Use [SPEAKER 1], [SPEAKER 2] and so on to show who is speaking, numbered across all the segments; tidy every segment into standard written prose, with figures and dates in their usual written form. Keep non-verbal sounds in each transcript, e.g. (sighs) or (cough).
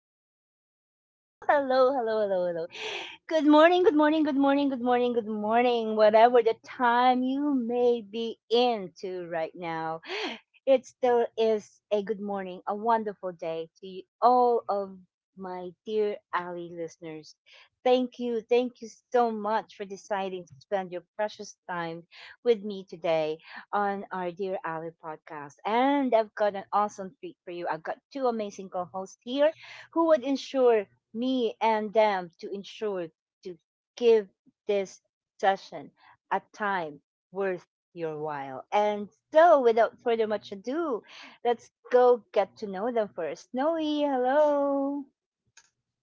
[SPEAKER 1] hello, hello, hello, hello, hello, hello. Good morning, good morning, good morning, good morning, good morning, whatever the time you may be into right now. It still is a good morning, a wonderful day to you, all of my dear Ali listeners. Thank you so much for deciding to spend your precious time with me today on our Dear Ali podcast. And I've got an awesome treat for you. I've got two amazing co hosts here who would ensure me and them to ensure to give this session a time worth your while. And so, without further much ado, let's go get to know them first. Noe, hello.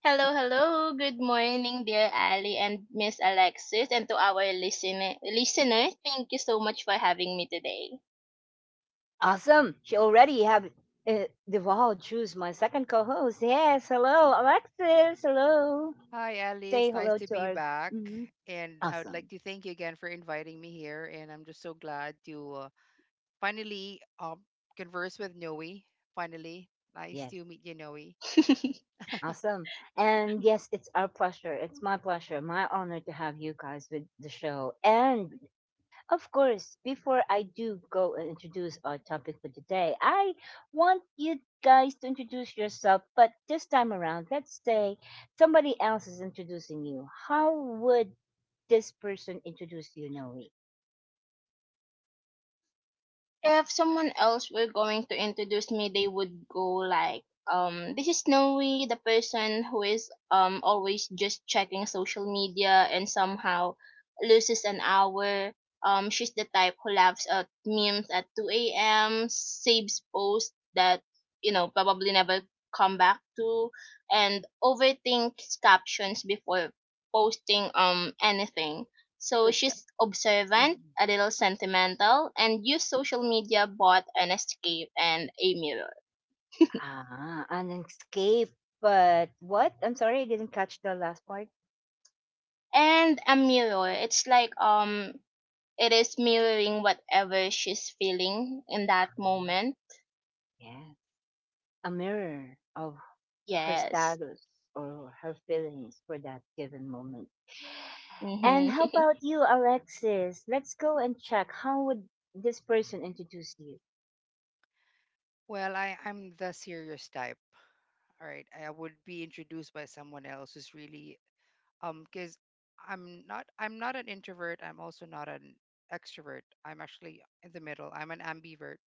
[SPEAKER 2] Hello, hello. Good morning, dear Ali and Miss Alexis, and to our listener, listeners. Thank you so much for having me today.
[SPEAKER 1] Awesome. She already have divulged who's my second co-host. Yes, hello, Alexis. Hello.
[SPEAKER 3] Hi, Ellie.
[SPEAKER 1] Say
[SPEAKER 3] It's nice
[SPEAKER 1] hello
[SPEAKER 3] to
[SPEAKER 1] to
[SPEAKER 3] be
[SPEAKER 1] our.
[SPEAKER 3] back.
[SPEAKER 1] Mhm.
[SPEAKER 3] And I would like
[SPEAKER 1] Awesome.
[SPEAKER 3] to thank you again for inviting me here. And I'm just so glad to finally converse with Noe. Finally, nice
[SPEAKER 1] Yes,
[SPEAKER 3] to meet you, Noe.
[SPEAKER 2] (laughs)
[SPEAKER 1] awesome. And yes, it's our pleasure. It's my pleasure, my honor to have you guys with the show. And of course, before I do go and introduce our topic for today, I want you guys to introduce yourself. But this time around, let's say somebody else is introducing you. How would this person introduce you, Noe?
[SPEAKER 2] If someone else were going to introduce me, they would go like, this is Noe, the person who is always just checking social media and somehow loses an hour. She's the type who laughs at memes at 2 a.m., saves posts that probably never come back to, and overthinks captions before posting anything, so
[SPEAKER 1] Good job.
[SPEAKER 2] she's observant, a little sentimental, and used social media both an escape and a mirror.
[SPEAKER 1] Ah, an escape. But what? I'm sorry, I didn't catch the last part.
[SPEAKER 2] And a mirror, it's like it is mirroring whatever she's feeling in that
[SPEAKER 1] Ah,
[SPEAKER 2] moment.
[SPEAKER 1] yes, a mirror of her
[SPEAKER 2] Yes.
[SPEAKER 1] status or her feelings for that given moment. And
[SPEAKER 2] Mm-hmm.
[SPEAKER 1] how
[SPEAKER 2] (laughs)
[SPEAKER 1] about you, Alexis? Let's go and check. How would this person introduce you?
[SPEAKER 3] Well, I'm the serious type. All right. I would be introduced by someone else who's really, because I'm not an introvert. I'm also not an extrovert. I'm actually in the middle. I'm an ambivert.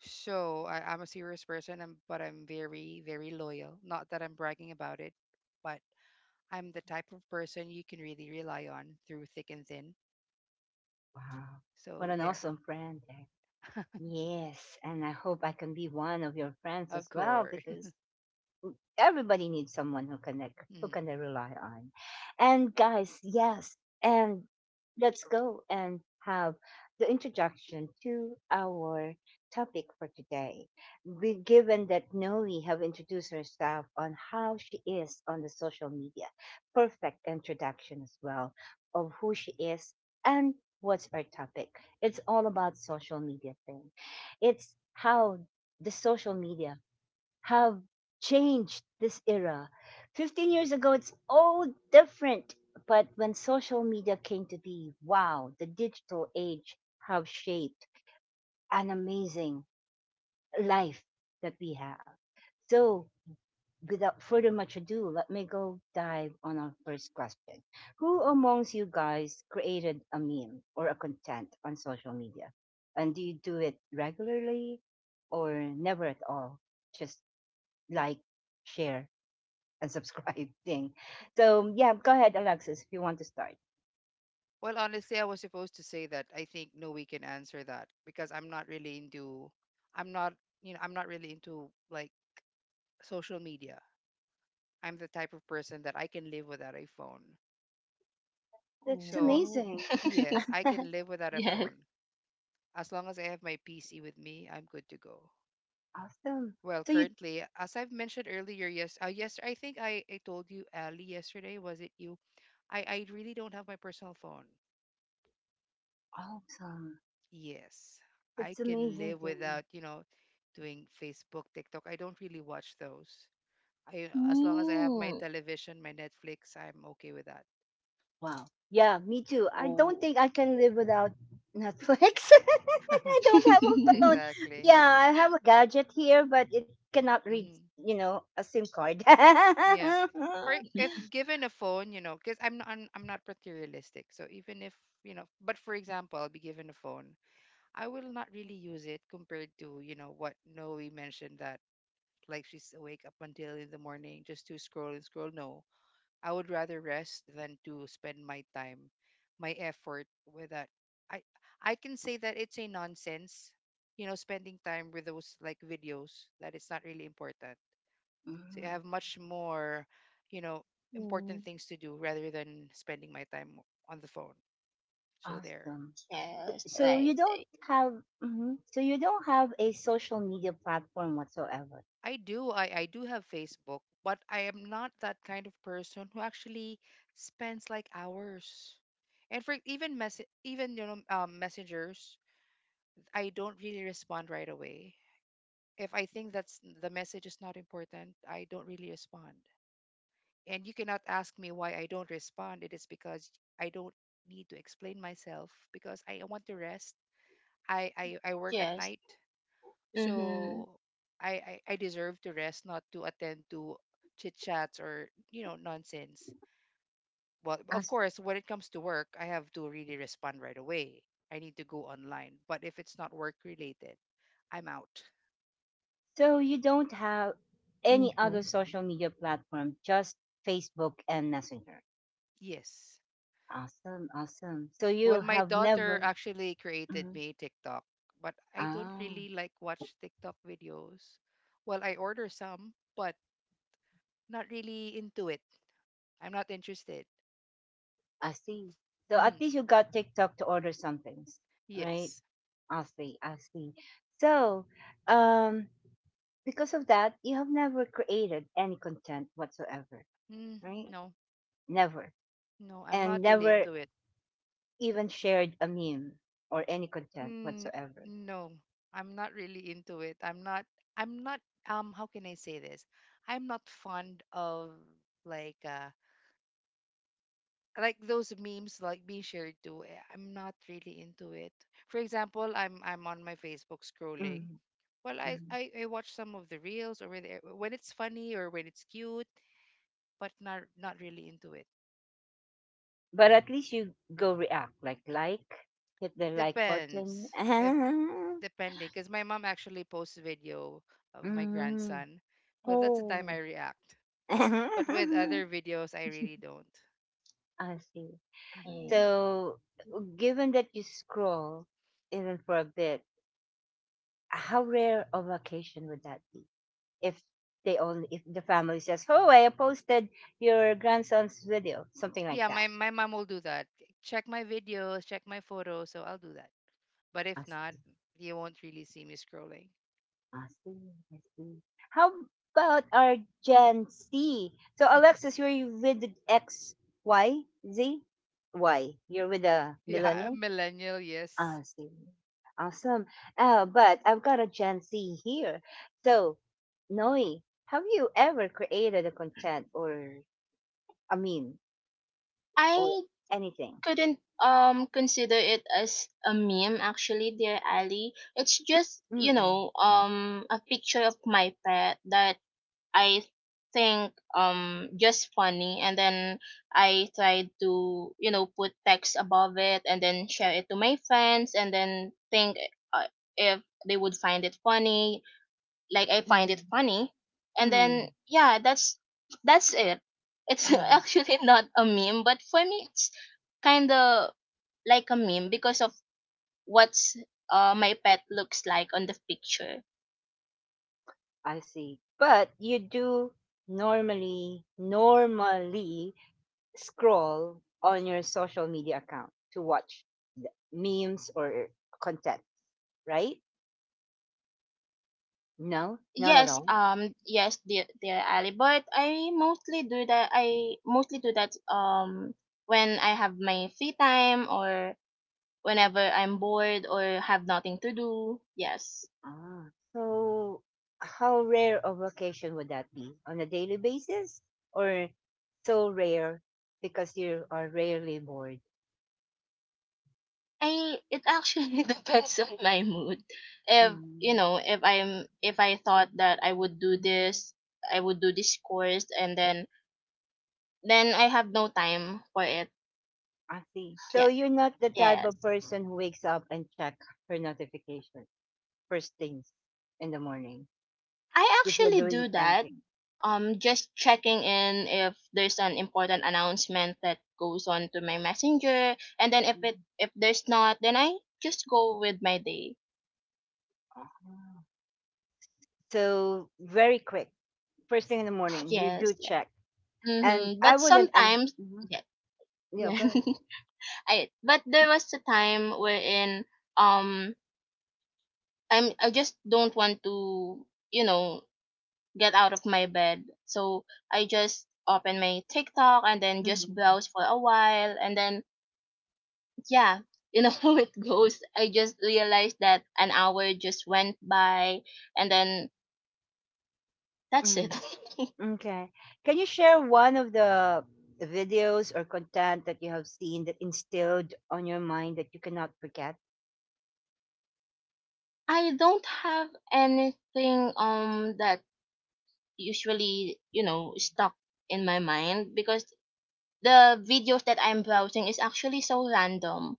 [SPEAKER 3] So I'm a serious person, but I'm very, very loyal. Not that I'm bragging about it, but I'm the type of person you can really rely on through thick and thin.
[SPEAKER 1] Wow, what
[SPEAKER 3] So
[SPEAKER 1] an
[SPEAKER 3] there.
[SPEAKER 1] awesome friend, eh? Yes, and I hope I can be one of your friends
[SPEAKER 3] Of
[SPEAKER 1] as well,
[SPEAKER 3] course. (laughs)
[SPEAKER 1] because everybody needs someone who can, like, who
[SPEAKER 3] Mm.
[SPEAKER 1] can they rely on. And guys, yes, and let's go and have the introduction to our topic for today. We, given that Noe have introduced herself on how she is on the social media, perfect introduction as well of who she is and what's our topic. It's all about social media thing. It's how the social media have changed this era. 15 years ago, it's all different. But when social media came to be, wow, the digital age have shaped an amazing life that we have. So, without further much ado, let me go dive on our first question. Who amongst you guys created a meme or a content on social media? And do you do it regularly or never at all? Just like, share, and subscribe thing. (laughs) So yeah, go ahead, Alexis, if you want to start.
[SPEAKER 3] Well, honestly, I was supposed to say that. I think no, we can answer that because I'm not really into, I'm not, I'm not really into like social media. I'm the type of person that I can live without a phone.
[SPEAKER 1] That's
[SPEAKER 3] So
[SPEAKER 2] Oh.
[SPEAKER 1] amazing.
[SPEAKER 3] yes,
[SPEAKER 2] (laughs)
[SPEAKER 3] I can live without a
[SPEAKER 2] Yes.
[SPEAKER 3] phone. As long as I have my PC with me, I'm good to go.
[SPEAKER 1] Awesome.
[SPEAKER 3] Well,
[SPEAKER 1] So you.
[SPEAKER 3] currently, as I've mentioned earlier, yes, yes, I think I told you, Ali, yesterday, was it you? I really don't have my personal phone.
[SPEAKER 1] Awesome.
[SPEAKER 3] Yes, I
[SPEAKER 1] That's
[SPEAKER 3] can
[SPEAKER 1] amazing
[SPEAKER 3] live
[SPEAKER 1] thing.
[SPEAKER 3] without, doing Facebook, TikTok. I don't really watch those. As long as I have my
[SPEAKER 2] Mm.
[SPEAKER 3] television, my Netflix, I'm okay with that.
[SPEAKER 1] Wow. Yeah, me too. I don't
[SPEAKER 2] Oh.
[SPEAKER 1] think I can live without Netflix. (laughs)
[SPEAKER 3] (laughs)
[SPEAKER 1] I
[SPEAKER 2] (laughs)
[SPEAKER 1] don't have a
[SPEAKER 2] Mm.
[SPEAKER 1] phone.
[SPEAKER 3] Exactly.
[SPEAKER 1] Yeah, I have a gadget here, but it cannot read,
[SPEAKER 3] Hmm.
[SPEAKER 1] you know, a SIM card. (laughs)
[SPEAKER 3] Yeah. Or if given a phone, because I'm not materialistic. So even if, but for example, I'll be given a phone. I will not really use it compared to, what Noe mentioned that like she's awake up until in the morning just to scroll and scroll. No, I would rather rest than to spend my time, my effort with that. I I can say that it's a nonsense, spending time with those like videos that it's not really important. So I have
[SPEAKER 1] Mhm.
[SPEAKER 3] much more, you know, important things to do rather than spending my time on the phone. So there.
[SPEAKER 1] Awesome.
[SPEAKER 2] Yes,
[SPEAKER 1] So
[SPEAKER 2] right.
[SPEAKER 1] you don't
[SPEAKER 2] Right.
[SPEAKER 1] have, mhm. So you don't have a social media platform whatsoever.
[SPEAKER 3] I do. I do have Facebook, but I am not that kind of person who actually spends like hours. And for even messengers, I don't really respond right away. If I think that's the message is not important, I don't really respond. And you cannot ask me why I don't respond. It is because I don't need to explain myself because I want to rest. I work at
[SPEAKER 2] Yes.
[SPEAKER 3] night.
[SPEAKER 2] Mm-hmm.
[SPEAKER 3] So I deserve to rest, not to attend to chit chats or nonsense. Well, of course, when it comes to work, I have to really respond right away. I need to go online. But if it's not work related, I'm out.
[SPEAKER 1] So you don't have any
[SPEAKER 2] Mm-hmm.
[SPEAKER 1] other social media platform, just Facebook and Messenger.
[SPEAKER 3] Yes.
[SPEAKER 1] Awesome, awesome. So you
[SPEAKER 3] Well, my
[SPEAKER 1] have
[SPEAKER 3] daughter
[SPEAKER 1] never.
[SPEAKER 3] actually created
[SPEAKER 1] Mhm.
[SPEAKER 3] me TikTok, but I don't
[SPEAKER 1] Ah,
[SPEAKER 3] really like watch TikTok videos. Well, I order some, but not really into it. I'm not interested.
[SPEAKER 1] I see. So at
[SPEAKER 3] Hmm.
[SPEAKER 1] least you got TikTok to order some things, right?
[SPEAKER 3] Yes.
[SPEAKER 1] I see, I see. So, um, because of that, you have never created any content whatsoever,
[SPEAKER 3] Mm,
[SPEAKER 1] right?
[SPEAKER 3] no.
[SPEAKER 1] Never,
[SPEAKER 3] No, I'm not
[SPEAKER 1] and
[SPEAKER 3] really
[SPEAKER 1] never
[SPEAKER 3] into it.
[SPEAKER 1] even shared a meme or any content
[SPEAKER 3] Mm,
[SPEAKER 1] whatsoever.
[SPEAKER 3] no, I'm not really into it. I'm not, how can I say this? I'm not fond of like, uh, like those memes like being shared to. I'm not really into it. For example, I'm on my Facebook scrolling.
[SPEAKER 1] Mm,
[SPEAKER 3] Well, I
[SPEAKER 1] mm.
[SPEAKER 3] I, I watch some of the reels or when it's funny or when it's cute, but not really into it.
[SPEAKER 1] But at least you go react, like, hit the like button.
[SPEAKER 3] Depends if
[SPEAKER 1] (laughs)
[SPEAKER 3] depending, because my mom actually posts video of my
[SPEAKER 1] Mm,
[SPEAKER 3] grandson. Well, that's the time
[SPEAKER 1] oh,
[SPEAKER 3] I react. But
[SPEAKER 1] (laughs)
[SPEAKER 3] with other videos, I really don't.
[SPEAKER 1] I see.
[SPEAKER 3] Hmm.
[SPEAKER 2] Mm.
[SPEAKER 1] So given that you scroll even for a bit, how rare of occasion would that be if they only if the family says, oh, I posted your grandson's video, something like
[SPEAKER 3] Yeah, my
[SPEAKER 1] that.
[SPEAKER 3] my mom will do that. Check my videos, check my photos, so I'll do that. But if
[SPEAKER 1] I
[SPEAKER 3] not,
[SPEAKER 1] see,
[SPEAKER 3] you won't really see me scrolling. (laughs)
[SPEAKER 1] I see, I see. How about our Gen Z? So Alexis, you're with the X Y Z, Y, you're with a
[SPEAKER 3] Yeah,
[SPEAKER 1] millennial.
[SPEAKER 3] millennial,
[SPEAKER 1] Ah,
[SPEAKER 3] yes.
[SPEAKER 1] I see. Awesome. But I've got a Gen Z here. So Noe, have you ever created a content, or I mean, or
[SPEAKER 2] I
[SPEAKER 1] anything.
[SPEAKER 2] couldn't consider it as a meme, actually, dear Ali. It's just,
[SPEAKER 1] Mm-mm,
[SPEAKER 2] a picture of my pet that I think just funny, and then I tried to, put text above it and then share it to my friends and then think uh, if they would find it funny like I find
[SPEAKER 1] mm-mm,
[SPEAKER 2] it funny, and
[SPEAKER 1] mm-mm,
[SPEAKER 2] then yeah, that's it. It's (laughs)
[SPEAKER 1] mm-mm.
[SPEAKER 2] actually not a meme, but for me it's kind of like a meme because of what's my pet looks like on the picture.
[SPEAKER 1] I see. But you do normally scroll on your social media account to watch the memes or content, right? No, not at
[SPEAKER 2] Yes,
[SPEAKER 1] all.
[SPEAKER 2] yes, dear Ali, but I mostly do that. I mostly do that when I have my free time or whenever I'm bored or have nothing to do. Yes,
[SPEAKER 1] Ah, so how rare of occasion would that be? On a daily basis, or so rare because you are rarely bored?
[SPEAKER 2] I it actually (laughs) depends on my mood. If, if I'm if I thought that I would do this, I would do this course, and then I have no time for it.
[SPEAKER 1] I see. So
[SPEAKER 2] Yeah,
[SPEAKER 1] you're not the type
[SPEAKER 2] yes.
[SPEAKER 1] of person who wakes up and check her notification first things in the morning
[SPEAKER 2] I
[SPEAKER 1] before
[SPEAKER 2] actually
[SPEAKER 1] doing
[SPEAKER 2] do that.
[SPEAKER 1] anything.
[SPEAKER 2] Just checking in if there's an important announcement that goes on to my messenger, and then if it
[SPEAKER 1] Mhm.
[SPEAKER 2] if there's not, then I just go with my day.
[SPEAKER 1] Ah. So very quick, first thing in the morning, you do
[SPEAKER 2] Yes, yes.
[SPEAKER 1] check. And
[SPEAKER 2] Mm-hmm.
[SPEAKER 1] I
[SPEAKER 2] But
[SPEAKER 1] wouldn't ask.
[SPEAKER 2] sometimes,
[SPEAKER 1] Mhm.
[SPEAKER 2] yeah,
[SPEAKER 1] Yeah,
[SPEAKER 2] yeah.
[SPEAKER 1] go ahead.
[SPEAKER 2] (laughs) I but there was a time wherein um I just don't want to, you know get out of my bed, so I just open my TikTok and then just
[SPEAKER 1] Mhm.
[SPEAKER 2] browse for a while, and then yeah, (laughs) how it goes. I just realized that an hour just went by, and then that's it.
[SPEAKER 1] Mm. Okay. Can you share one of the videos or content that you have seen that instilled on your mind that you cannot forget?
[SPEAKER 2] (laughs) I don't have anything that usually, stuck in my mind because the videos that I'm browsing is actually so random.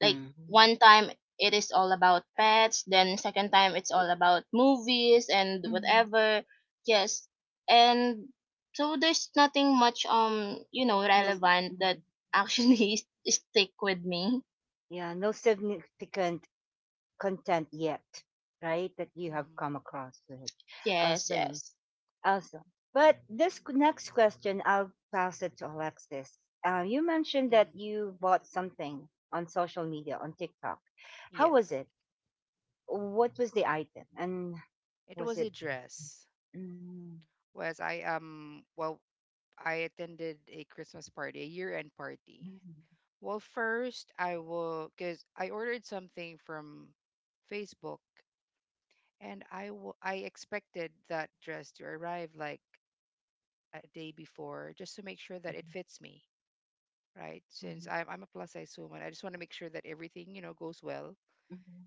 [SPEAKER 2] Like one time it is all about pets, then second time it's all about movies and
[SPEAKER 1] Mm.
[SPEAKER 2] whatever. Yes, and so there's nothing much
[SPEAKER 1] No,
[SPEAKER 2] relevant that
[SPEAKER 1] mm.
[SPEAKER 2] actually (laughs) stick with me.
[SPEAKER 1] Yeah, no significant content yet, right? That you have
[SPEAKER 3] Hmm.
[SPEAKER 1] come across with.
[SPEAKER 2] Yes,
[SPEAKER 1] Awesome.
[SPEAKER 2] yes.
[SPEAKER 1] Awesome. But this next question, I'll pass it to Alexis. You mentioned that
[SPEAKER 3] Hmm.
[SPEAKER 1] you bought something on social media, on TikTok. How
[SPEAKER 3] Yes,
[SPEAKER 1] was it? What was the item? And
[SPEAKER 3] it
[SPEAKER 1] was
[SPEAKER 3] was a
[SPEAKER 1] it.
[SPEAKER 3] dress.
[SPEAKER 1] Mm,
[SPEAKER 3] Was I Well, I attended a Christmas party, a year-end party.
[SPEAKER 1] mm,
[SPEAKER 3] Well, first I will because I ordered something from Facebook, and I expected that dress to arrive like a day before just to make sure that it fits me, right?
[SPEAKER 1] mhm,
[SPEAKER 3] Since I'm a plus size woman, I just want to make sure that everything goes well.
[SPEAKER 1] mhm, mhm.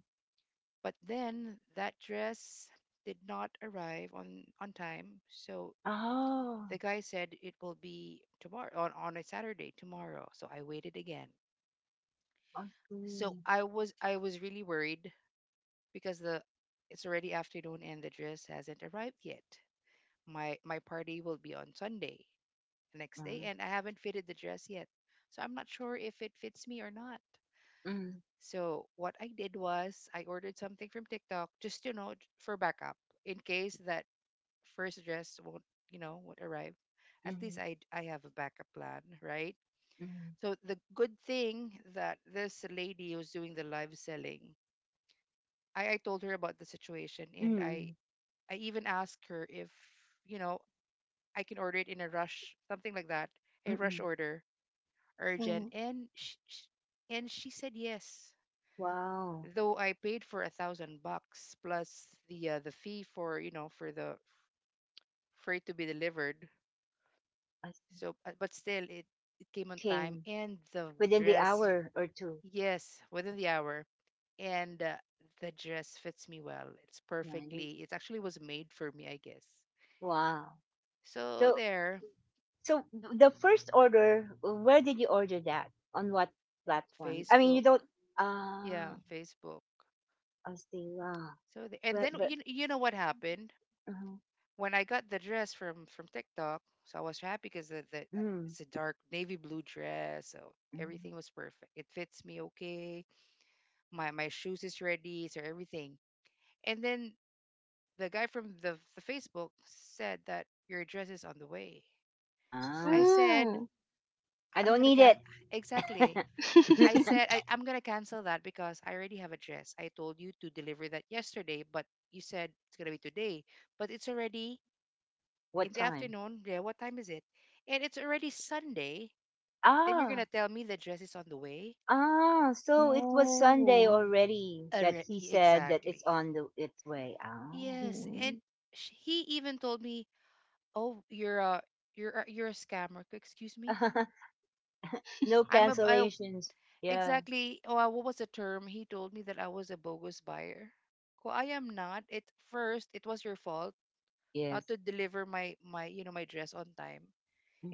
[SPEAKER 3] But then that dress did not arrive on time, so
[SPEAKER 1] Oh,
[SPEAKER 3] the guy said it will be tomorrow on a Saturday tomorrow. So I waited again.
[SPEAKER 1] I
[SPEAKER 3] So
[SPEAKER 1] see.
[SPEAKER 3] I was really worried because the it's already afternoon and the dress hasn't arrived yet. My party will be on Sunday, the next day,
[SPEAKER 1] Uh,
[SPEAKER 3] and I haven't fitted the dress yet. So I'm not sure if it fits me or not.
[SPEAKER 1] mm,
[SPEAKER 3] So what I did was I ordered something from TikTok just for backup in case that first dress won't won't arrive. At least
[SPEAKER 1] mhm,
[SPEAKER 3] I have a backup plan, right?
[SPEAKER 1] mhm,
[SPEAKER 3] So the good thing that this lady who's doing the live selling, I told her about the situation and I
[SPEAKER 1] mm,
[SPEAKER 3] I even asked her if, you know, I can order it in a rush, something like that,
[SPEAKER 1] mm,
[SPEAKER 3] a rush
[SPEAKER 1] mm.
[SPEAKER 3] order, urgent,
[SPEAKER 2] Mm.
[SPEAKER 3] and she said yes.
[SPEAKER 1] Wow.
[SPEAKER 3] Though I paid for 1,000 bucks plus the the fee for you know for the for it to be delivered.
[SPEAKER 1] I see.
[SPEAKER 3] So, but still, it came on time,
[SPEAKER 1] Came
[SPEAKER 3] and the
[SPEAKER 1] within the
[SPEAKER 3] dress,
[SPEAKER 1] hour or two.
[SPEAKER 3] yes, within the hour, and the dress fits me well. It's
[SPEAKER 1] Nice.
[SPEAKER 3] perfectly. It actually was made for me, I guess.
[SPEAKER 1] Wow.
[SPEAKER 3] So
[SPEAKER 1] So,
[SPEAKER 3] there.
[SPEAKER 1] so the first order, where did you order that? On what platform? I mean, you
[SPEAKER 3] Facebook.
[SPEAKER 1] don't. Ah,
[SPEAKER 3] Yeah, Facebook.
[SPEAKER 1] I see. Wow.
[SPEAKER 3] So and then
[SPEAKER 1] But but.
[SPEAKER 3] you know what happened
[SPEAKER 1] Uh,
[SPEAKER 3] when I got the dress from TikTok. So I was happy because the
[SPEAKER 1] mm,
[SPEAKER 3] it's a dark navy blue dress, so
[SPEAKER 1] mm.
[SPEAKER 3] everything was perfect. It fits me okay. My shoes is ready, so everything. And then the guy from the Facebook said that your dress is on the way. I
[SPEAKER 1] Ah,
[SPEAKER 3] said
[SPEAKER 2] Mm.
[SPEAKER 1] I
[SPEAKER 3] I'm
[SPEAKER 1] don't
[SPEAKER 3] gonna
[SPEAKER 1] need
[SPEAKER 3] can.
[SPEAKER 1] it.
[SPEAKER 3] Exactly.
[SPEAKER 1] (laughs)
[SPEAKER 3] I said
[SPEAKER 2] (laughs)
[SPEAKER 3] I'm gonna cancel that because I already have a dress. I told you to deliver that yesterday, but you said it's gonna be today. But it's already in
[SPEAKER 1] What
[SPEAKER 3] the
[SPEAKER 1] time?
[SPEAKER 3] afternoon. Yeah, what time is it? And it's already Sunday. Then you're gonna
[SPEAKER 1] Ah,
[SPEAKER 3] tell me the dress is on the way?
[SPEAKER 1] ah. So it was Sunday
[SPEAKER 2] Oh.
[SPEAKER 1] already that he said that it's
[SPEAKER 3] Exactly.
[SPEAKER 1] on the its way. Ah,
[SPEAKER 3] Yes, and
[SPEAKER 2] Mm.
[SPEAKER 3] he even told me, "Oh, you're a scammer." Excuse me?
[SPEAKER 1] (laughs) no
[SPEAKER 3] I'm a I,
[SPEAKER 1] cancellations. Yeah.
[SPEAKER 3] exactly. Oh, what was the term? He told me that I was a bogus buyer. Well, I am not. It First, it was your fault. uh,
[SPEAKER 1] Yes.
[SPEAKER 3] to deliver my my you know my dress on time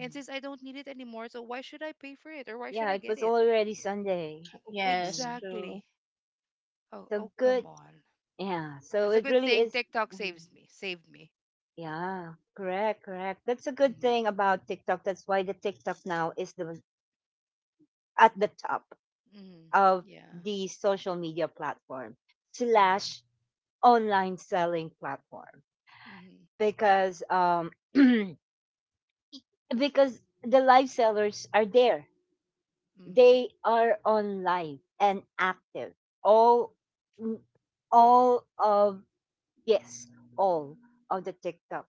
[SPEAKER 3] and since I don't need it anymore, so why should I pay for it or why should
[SPEAKER 1] Yeah,
[SPEAKER 3] I
[SPEAKER 1] it
[SPEAKER 3] get
[SPEAKER 1] was
[SPEAKER 3] it?
[SPEAKER 1] already Sunday.
[SPEAKER 2] Yes,
[SPEAKER 1] Mm.
[SPEAKER 2] true.
[SPEAKER 3] Exactly. Oh,
[SPEAKER 1] So
[SPEAKER 3] oh, come
[SPEAKER 1] good.
[SPEAKER 3] on. Yeah,
[SPEAKER 1] Yeah. So
[SPEAKER 3] that's a
[SPEAKER 1] it
[SPEAKER 3] good
[SPEAKER 1] really
[SPEAKER 3] thing,
[SPEAKER 1] is.
[SPEAKER 3] TikTok
[SPEAKER 1] Mm,
[SPEAKER 3] saves me saved me.
[SPEAKER 1] yeah. Correct. Correct. That's a good
[SPEAKER 3] Mm-hmm.
[SPEAKER 1] thing about TikTok. That's why the TikTok now is the at the top
[SPEAKER 3] Mm-hmm.
[SPEAKER 1] of
[SPEAKER 3] Yeah.
[SPEAKER 1] the social media platform
[SPEAKER 3] Mm. Yeah.
[SPEAKER 1] slash online selling platform
[SPEAKER 3] Mm-hmm.
[SPEAKER 1] because (clears throat) because the live sellers are there.
[SPEAKER 3] Mm-hmm.
[SPEAKER 1] They are on live and active all, mm, all of, yes, all of the TikTok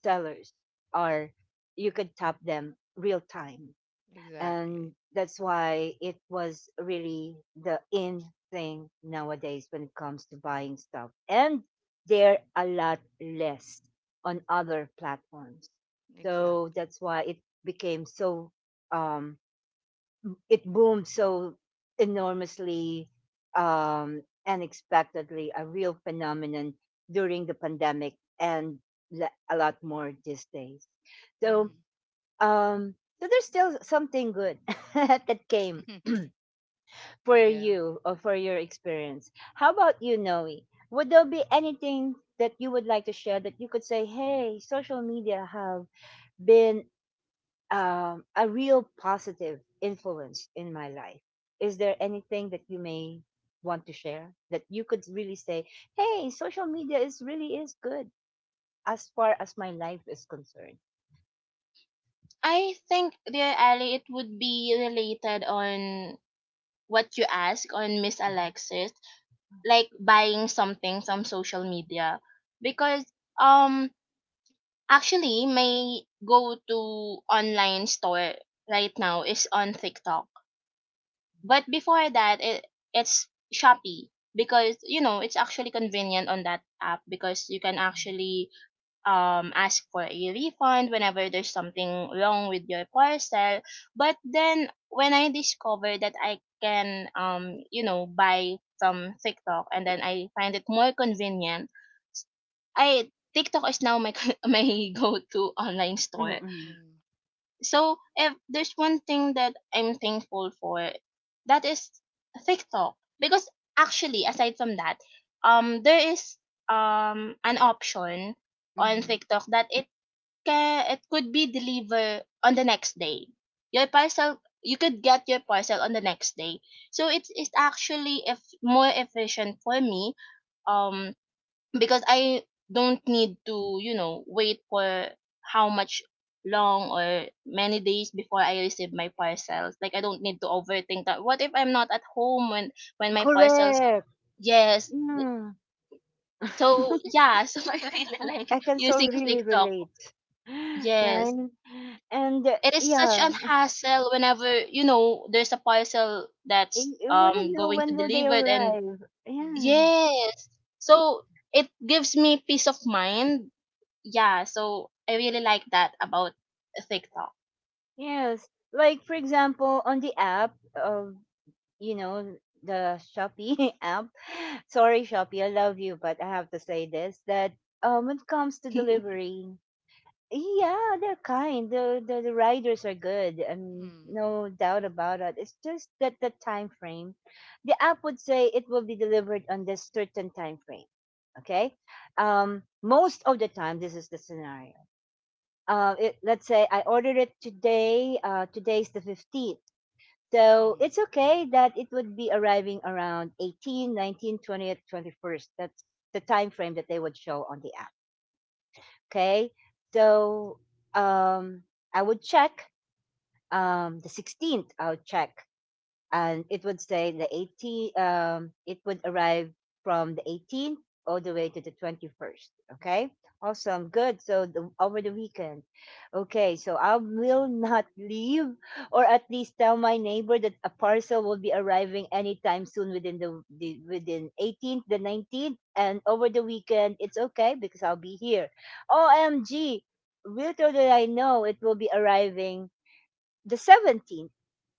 [SPEAKER 1] sellers are, you can tap them real time.
[SPEAKER 3] Exactly.
[SPEAKER 1] And that's why it was really the in thing nowadays when it comes to buying stuff. And they're a lot less on other platforms. So
[SPEAKER 3] Exactly.
[SPEAKER 1] that's why it became so, um, it boomed so enormously, um, unexpectedly, a real phenomenon during the pandemic and a lot more these days. So, um, so there's still something good (laughs) that came
[SPEAKER 3] Mm-hmm.
[SPEAKER 1] for
[SPEAKER 3] (laughs) Yeah.
[SPEAKER 1] you or for your experience. How about you, Noe? Would there be anything that you would like to share that you could say, hey, social media have been, a real positive influence in my life. Is there anything that you may want to share that you could really say, "Hey, social media is really is good as far as my life is concerned."
[SPEAKER 2] I think, dear Ali, it would be related on what you ask on Miss Alexis, like buying something from social media because um actually my go to online store right now is on TikTok. But before that it's Shopee, because you know it's actually convenient on that app because you can actually, ask for a refund whenever there's something wrong with your parcel. But then when I discovered that I can, you know, buy from TikTok, and then I find it more convenient, I TikTok is now my (laughs) my go-to online store.
[SPEAKER 1] Mm-mm.
[SPEAKER 3] Mm-hmm.
[SPEAKER 2] So if there's one thing that I'm thankful for, that is TikTok, because actually aside from that, there is an option on
[SPEAKER 1] Mm-hmm.
[SPEAKER 2] TikTok that it could be delivered on the next day. Your parcel, you could get your parcel on the next day. So it's actually if more efficient for me, um, because I don't need to, wait for how much long or many days before I receive my parcels. Like I don't need to overthink that. What if I'm not at home when my parcels?
[SPEAKER 1] Correct.
[SPEAKER 2] Yes.
[SPEAKER 1] Mm.
[SPEAKER 2] So
[SPEAKER 1] (laughs)
[SPEAKER 2] yeah. (laughs) So I
[SPEAKER 1] I,
[SPEAKER 2] really like
[SPEAKER 1] I can so
[SPEAKER 2] using
[SPEAKER 1] really
[SPEAKER 2] TikTok.
[SPEAKER 1] relate, (laughs) right?
[SPEAKER 2] Yes.
[SPEAKER 1] And
[SPEAKER 2] It is such
[SPEAKER 1] yeah,
[SPEAKER 2] an hassle whenever there's a parcel that's
[SPEAKER 1] I wouldn't know
[SPEAKER 2] going to
[SPEAKER 1] when will they
[SPEAKER 2] delivered, and
[SPEAKER 1] arrive.
[SPEAKER 3] Mm-hmm.
[SPEAKER 1] Yeah.
[SPEAKER 2] yes, so it gives me peace of mind. Yeah, so I really like that about TikTok.
[SPEAKER 1] Yes. Like for example, on the app of, you know, the Shopee (laughs) app. Sorry, Shopee, I love you, but I have to say this that, when it comes to
[SPEAKER 2] (laughs)
[SPEAKER 1] delivery, yeah, they're kind. The riders are good, and
[SPEAKER 3] Mm-hmm.
[SPEAKER 1] no doubt about it. It's just that the time frame, the app would say it will be delivered on this certain time frame. Okay, most of the time this is the scenario. It, let's say I ordered it today. Today's the 15th, so it's
[SPEAKER 3] Mm-hmm.
[SPEAKER 1] okay that it would be arriving around 18, 19, 20th, 21st. That's the time frame that they would show on the app. Okay. So um, I would check, the 16th, I'll check, and it would say the 18, um, it would arrive from the 18th all the way to the 21st. Okay, awesome, good. So the, over the weekend, okay, so I will (laughs) not leave, or at least tell my neighbor that a parcel will be arriving anytime soon within the within 18th, the 19th, and over the weekend it's okay because I'll be here. OMG, little did I know it will be arriving the 17th.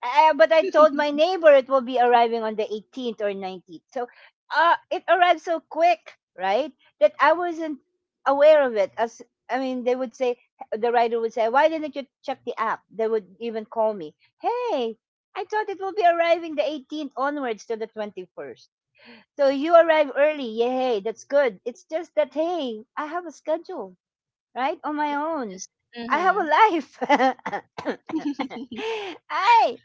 [SPEAKER 1] But I told my
[SPEAKER 2] (laughs)
[SPEAKER 1] neighbor it will be arriving on the 18th or 19th. So it arrived so quick, right? That I wasn't aware of it. As I mean, they would say, the writer would say, why didn't you check the app? They would even call me, hey, I thought it will be arriving the 18th onwards to the 21st. So you arrive early. Yay, that's good. It's just that, hey, I have a schedule, right? On my own.
[SPEAKER 2] Yes.
[SPEAKER 1] I have
[SPEAKER 2] Mm-hmm.
[SPEAKER 1] a life. (laughs)
[SPEAKER 2] (laughs)
[SPEAKER 1] I,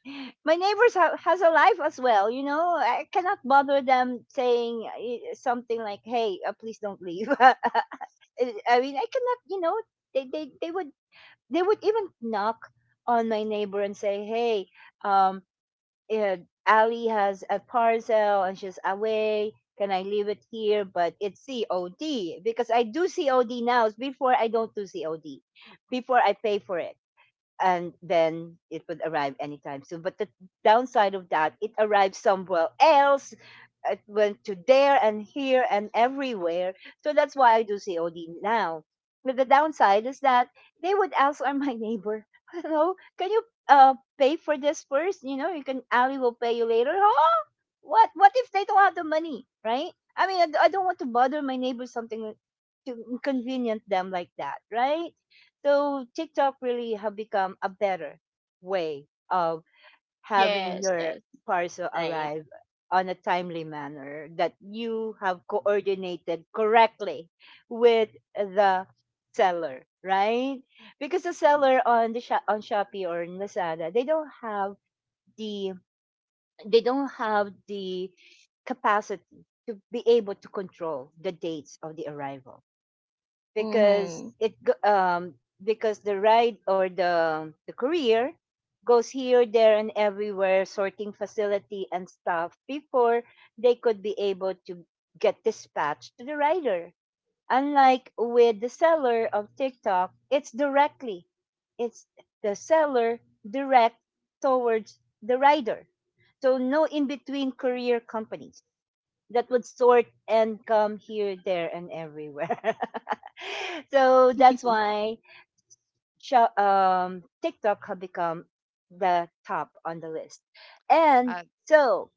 [SPEAKER 1] my neighbors have has a life as well. You know, I cannot bother them saying eh, something like, "Hey, please don't leave." (laughs) I mean, I cannot. You know, they would, they would even knock on my neighbor and say, "Hey, um, yeah, Ali has a parcel and she's away. Can I leave it here?" But it's COD because I do COD now. Before I don't do COD, before I pay for it and then it would arrive anytime soon. But the downside of that, it arrived somewhere else. It went to there and here and everywhere. So that's why I do COD now. But the downside is that they would ask or my (laughs) neighbor, hello, can you pay for this first? You know, you can Ali will pay you later. Huh? What if they don't have the money, right? I mean, I don't want to bother my neighbor something to inconvenience them like that, right? So TikTok really have become a better way of having
[SPEAKER 2] Yes,
[SPEAKER 1] your
[SPEAKER 2] yes,
[SPEAKER 1] parcel
[SPEAKER 2] right.
[SPEAKER 1] arrive on a timely manner that you have coordinated correctly with the seller, right? Because the seller on the shop on Shopee or in Lazada, they don't have the the capacity to be able to control the dates of the arrival, because
[SPEAKER 2] Mm-hmm.
[SPEAKER 1] because the ride or the courier goes here, there, and everywhere, sorting facility and stuff, before they could be able to get dispatched to the rider, unlike with the seller of TikTok. It's directly, it's the seller direct towards the rider, so no in between courier companies that would sort and come here, there, and everywhere. (laughs) So that's
[SPEAKER 2] (laughs)
[SPEAKER 1] why TikTok have become the top on the list. And
[SPEAKER 3] Uh,
[SPEAKER 1] so,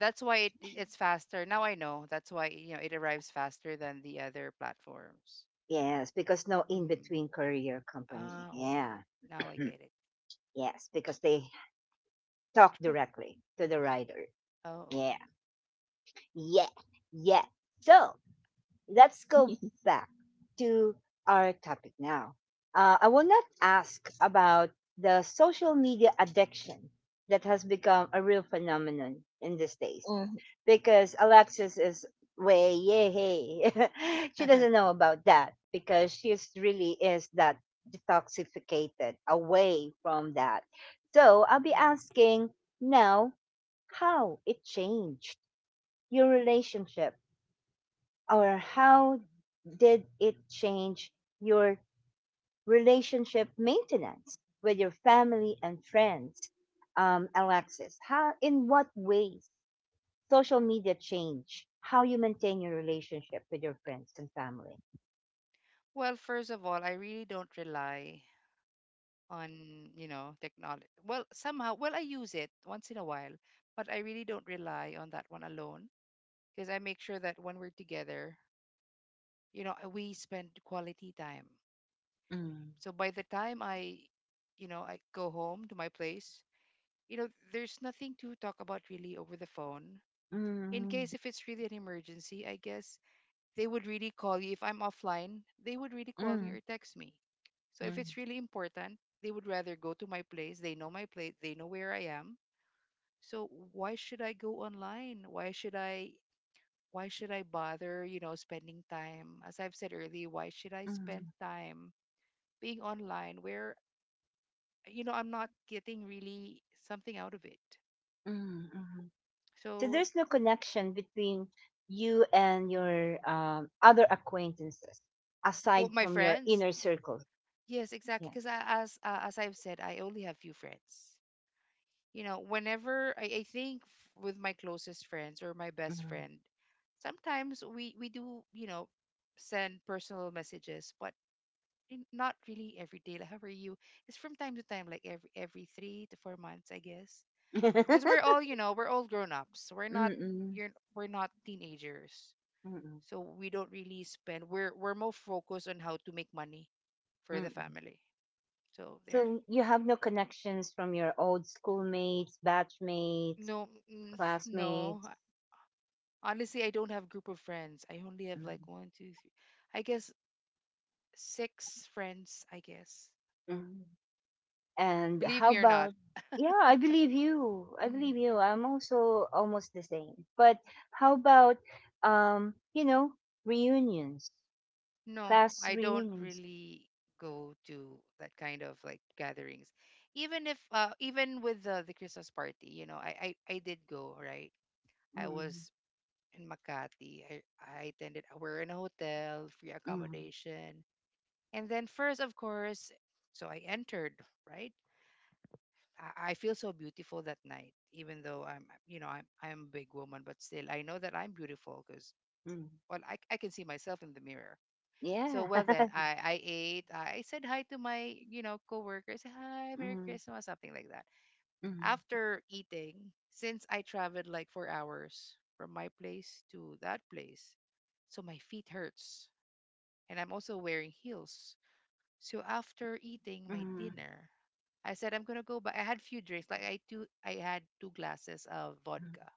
[SPEAKER 3] that's why it's faster now, I know. That's why, it arrives faster than the other
[SPEAKER 1] (clears throat)
[SPEAKER 3] platforms.
[SPEAKER 1] yes, because no in
[SPEAKER 3] Mhm.
[SPEAKER 1] between courier company.
[SPEAKER 3] Ah, okay.
[SPEAKER 1] Yeah.
[SPEAKER 3] Now I
[SPEAKER 1] (clears throat)
[SPEAKER 3] get it.
[SPEAKER 1] Yes, because they talk directly to the rider.
[SPEAKER 3] Oh, okay.
[SPEAKER 1] Yeah. Yeah. Yeah. So, let's go back to our topic now. I will not ask about the social media addiction that has become a real phenomenon in these days,
[SPEAKER 2] Mm-hmm.
[SPEAKER 1] because Alexis is way, yay, (laughs) she doesn't
[SPEAKER 3] (laughs)
[SPEAKER 1] know about that, because she is really is that detoxificated away from that. So I'll be
[SPEAKER 3] Hmm.
[SPEAKER 1] asking now, how it changed your relationship, or how did it change your relationship maintenance with your family and friends. Alexis, how, in what ways social media change how you maintain your relationship with your friends and family?
[SPEAKER 3] Well, first of all, I really don't rely on, technology. Well, somehow, well, I use it once in a while, but I really don't rely on that one alone because I make sure that when we're together, we spend quality time.
[SPEAKER 1] Mm,
[SPEAKER 3] So by the time I go home to my place, there's nothing to talk about really over the phone. In
[SPEAKER 1] mm,
[SPEAKER 3] case if it's really an emergency, I guess they would really call you. If I'm offline, they would really call me
[SPEAKER 1] mm,
[SPEAKER 3] or text me. So if
[SPEAKER 1] mm,
[SPEAKER 3] it's really important, they would rather go to my place. They know my place. They know where I am. So why should I go online? Why should I bother, spending time? As I've said earlier, why should I
[SPEAKER 1] mm,
[SPEAKER 3] spend
[SPEAKER 1] mm,
[SPEAKER 3] time being online where I'm not getting really something out of it?
[SPEAKER 1] mm. So
[SPEAKER 3] So,
[SPEAKER 1] there's no connection between you and your other acquaintances
[SPEAKER 3] well,
[SPEAKER 1] aside
[SPEAKER 3] my
[SPEAKER 1] from your
[SPEAKER 3] friends,
[SPEAKER 1] inner circle?
[SPEAKER 3] yes, exactly.
[SPEAKER 1] Yeah.
[SPEAKER 3] Because as I've said, I only have few friends. Whenever I think, with my closest friends or my best friend, sometimes we do send personal messages, but not really every day. Like, how are you? It's from time to time, like every 3 to 4 months, I guess. Because
[SPEAKER 1] (laughs)
[SPEAKER 3] we're
[SPEAKER 1] (laughs)
[SPEAKER 3] all you know we're all grown ups. We're not
[SPEAKER 1] Mm-mm.
[SPEAKER 3] you're we're not teenagers,
[SPEAKER 1] Mm-mm.
[SPEAKER 3] so we don't really spend. We're more focused on how to make money for the
[SPEAKER 1] Mm-mm.
[SPEAKER 3] family. So there.
[SPEAKER 1] So you have no connections from your old schoolmates, batchmates,
[SPEAKER 3] No. Mm. (laughs) No.
[SPEAKER 1] classmates.
[SPEAKER 3] Honestly, I don't have group of friends. I only have like one, two, three. I guess six friends. I guess.
[SPEAKER 1] Mm-mm. And
[SPEAKER 3] Believe
[SPEAKER 1] how
[SPEAKER 3] me or not.
[SPEAKER 1] about, yeah, I believe you. I
[SPEAKER 3] Mm,
[SPEAKER 1] believe you. I'm also almost the same. But how about, um, you know, reunions,
[SPEAKER 3] no,
[SPEAKER 1] class
[SPEAKER 3] I don't
[SPEAKER 1] reunions?
[SPEAKER 3] really go to that kind of like gatherings. Even if, even with the Christmas party, I did go, right. I
[SPEAKER 1] Mm-mm.
[SPEAKER 3] was in Makati. I attended. We're in a hotel, free
[SPEAKER 1] Mm-mm.
[SPEAKER 3] accommodation, and then first, of course, so I entered right. I feel so beautiful that night, even though I'm, I'm a big woman, but still, I know that I'm beautiful because,
[SPEAKER 1] Mm-mm.
[SPEAKER 3] well, I can see myself in the mirror. So,
[SPEAKER 1] Yeah.
[SPEAKER 3] well, then
[SPEAKER 1] (laughs)
[SPEAKER 3] I ate, I said hi to my, coworkers, hi, Merry
[SPEAKER 1] Mm-mm.
[SPEAKER 3] Christmas, something like that. After eating, since I traveled like 4 hours from my place to that place, so my feet hurts. And I'm also wearing heels. So after eating my
[SPEAKER 1] Mm-mm.
[SPEAKER 3] dinner, I said I'm gonna go. But I had few drinks. Like I had two glasses of vodka.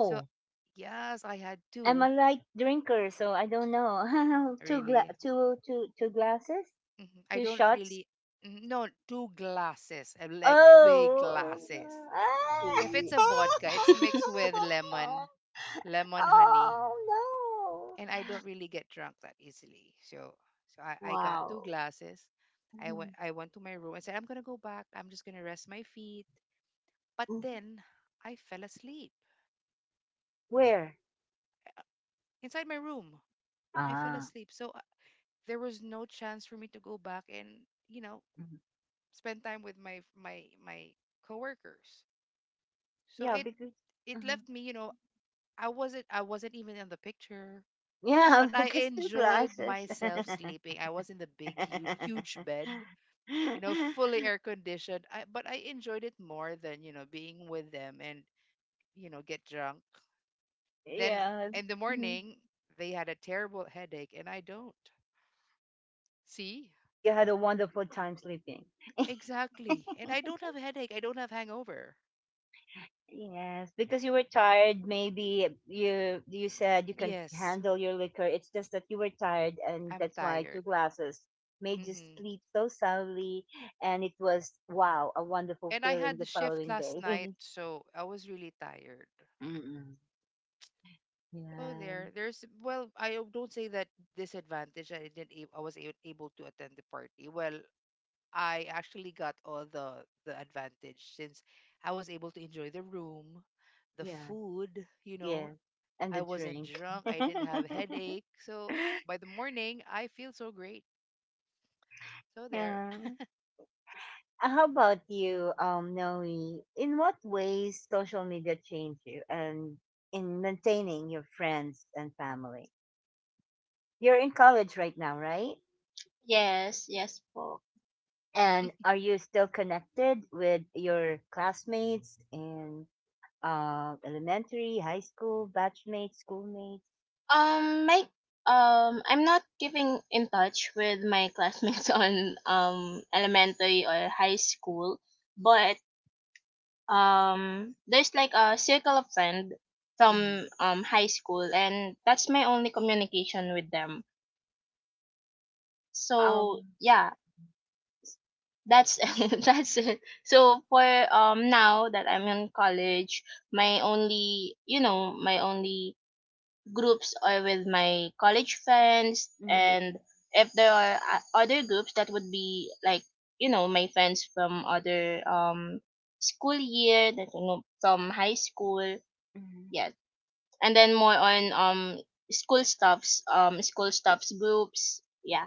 [SPEAKER 3] So yes, I had
[SPEAKER 1] I'm a
[SPEAKER 3] two.
[SPEAKER 1] light drinker, so I don't know. (laughs) two gla-
[SPEAKER 3] Really.
[SPEAKER 1] two two two glasses,
[SPEAKER 3] Mhm. I
[SPEAKER 1] two
[SPEAKER 3] don't
[SPEAKER 1] shots.
[SPEAKER 3] really. No, two glasses, like big
[SPEAKER 1] Oh.
[SPEAKER 3] glasses.
[SPEAKER 1] Ah.
[SPEAKER 3] If it's
[SPEAKER 1] (laughs)
[SPEAKER 3] a vodka, it's
[SPEAKER 2] (laughs)
[SPEAKER 3] mixed with lemon, lemon honey,
[SPEAKER 1] Oh no.
[SPEAKER 3] and I don't really get drunk that easily. So, so I got two
[SPEAKER 2] Wow.
[SPEAKER 3] glasses.
[SPEAKER 1] Mhm.
[SPEAKER 3] I went to my room and said I'm gonna go back. I'm just gonna rest my feet. But
[SPEAKER 2] Mhm.
[SPEAKER 3] then I fell asleep
[SPEAKER 1] Where?
[SPEAKER 3] inside my room. I fell
[SPEAKER 1] Ah.
[SPEAKER 3] asleep. So there was no chance for me to go back and, you know,
[SPEAKER 1] Mhm.
[SPEAKER 3] spend time with my coworkers. So
[SPEAKER 1] Yeah,
[SPEAKER 3] it
[SPEAKER 1] because
[SPEAKER 3] it
[SPEAKER 1] mhm.
[SPEAKER 3] left me, I wasn't even on the picture,
[SPEAKER 1] Yeah,
[SPEAKER 3] but
[SPEAKER 1] (laughs)
[SPEAKER 3] I
[SPEAKER 1] because two
[SPEAKER 3] enjoyed
[SPEAKER 1] glasses.
[SPEAKER 3] myself sleeping. I was in the big huge bed, you know, fully
[SPEAKER 1] (laughs)
[SPEAKER 3] air conditioned. I but I enjoyed it more than, you know, being with them and, you know, get drunk. Then
[SPEAKER 1] Yeah.
[SPEAKER 3] in the
[SPEAKER 1] Mhm.
[SPEAKER 3] morning, they had a terrible headache, and I don't. See?
[SPEAKER 1] You had a wonderful time sleeping.
[SPEAKER 3] Exactly. And I
[SPEAKER 1] (laughs)
[SPEAKER 3] don't have a headache. I don't have hangover.
[SPEAKER 1] Yes, because you were tired, maybe you said you can
[SPEAKER 3] Yes,
[SPEAKER 1] handle your liquor. It's just that you were tired, and
[SPEAKER 3] I'm
[SPEAKER 1] that's why two
[SPEAKER 3] tired.
[SPEAKER 1] glasses made you
[SPEAKER 3] Hmm.
[SPEAKER 1] sleep so soundly, and it was wow, a wonderful
[SPEAKER 3] And I
[SPEAKER 1] feeling
[SPEAKER 3] had the
[SPEAKER 1] the
[SPEAKER 3] shift
[SPEAKER 1] following
[SPEAKER 3] last
[SPEAKER 1] day.
[SPEAKER 3] night,
[SPEAKER 1] (laughs)
[SPEAKER 3] so I was really tired.
[SPEAKER 1] Mm-mm.
[SPEAKER 3] Oh,
[SPEAKER 1] Yeah,
[SPEAKER 3] there's well, don't say that disadvantage. I didn't, ab- able to attend the party. Well, I actually got all the advantage since I was able to enjoy the room, the
[SPEAKER 1] yeah,
[SPEAKER 3] food, you
[SPEAKER 1] yeah,
[SPEAKER 3] know,
[SPEAKER 1] and the
[SPEAKER 3] I wasn't
[SPEAKER 1] drink.
[SPEAKER 3] drunk.
[SPEAKER 1] (laughs)
[SPEAKER 3] I didn't have headache. So by the morning, I feel so great. So there.
[SPEAKER 1] Yeah. How about you, Noe? In what ways social media changed you and in maintaining your friends and family? You're in college right now, right?
[SPEAKER 2] Yes, yes po.
[SPEAKER 1] And are you still connected with your classmates in elementary, high school, batchmates, schoolmates?
[SPEAKER 2] My I'm not keeping in touch with my classmates (laughs) on elementary or high school, but there's like a circle of friend from
[SPEAKER 1] Mhm.
[SPEAKER 2] high school, and that's my only communication with them. So
[SPEAKER 1] Um,
[SPEAKER 2] yeah, that's (laughs) that's it. So for now that I'm in college, my only, groups or with my college friends,
[SPEAKER 1] mm,
[SPEAKER 2] and if there are other groups that would be like, my friends from other school year that, from high school.
[SPEAKER 1] mm.
[SPEAKER 2] Yeah, and then more on school stuffs groups. Yeah,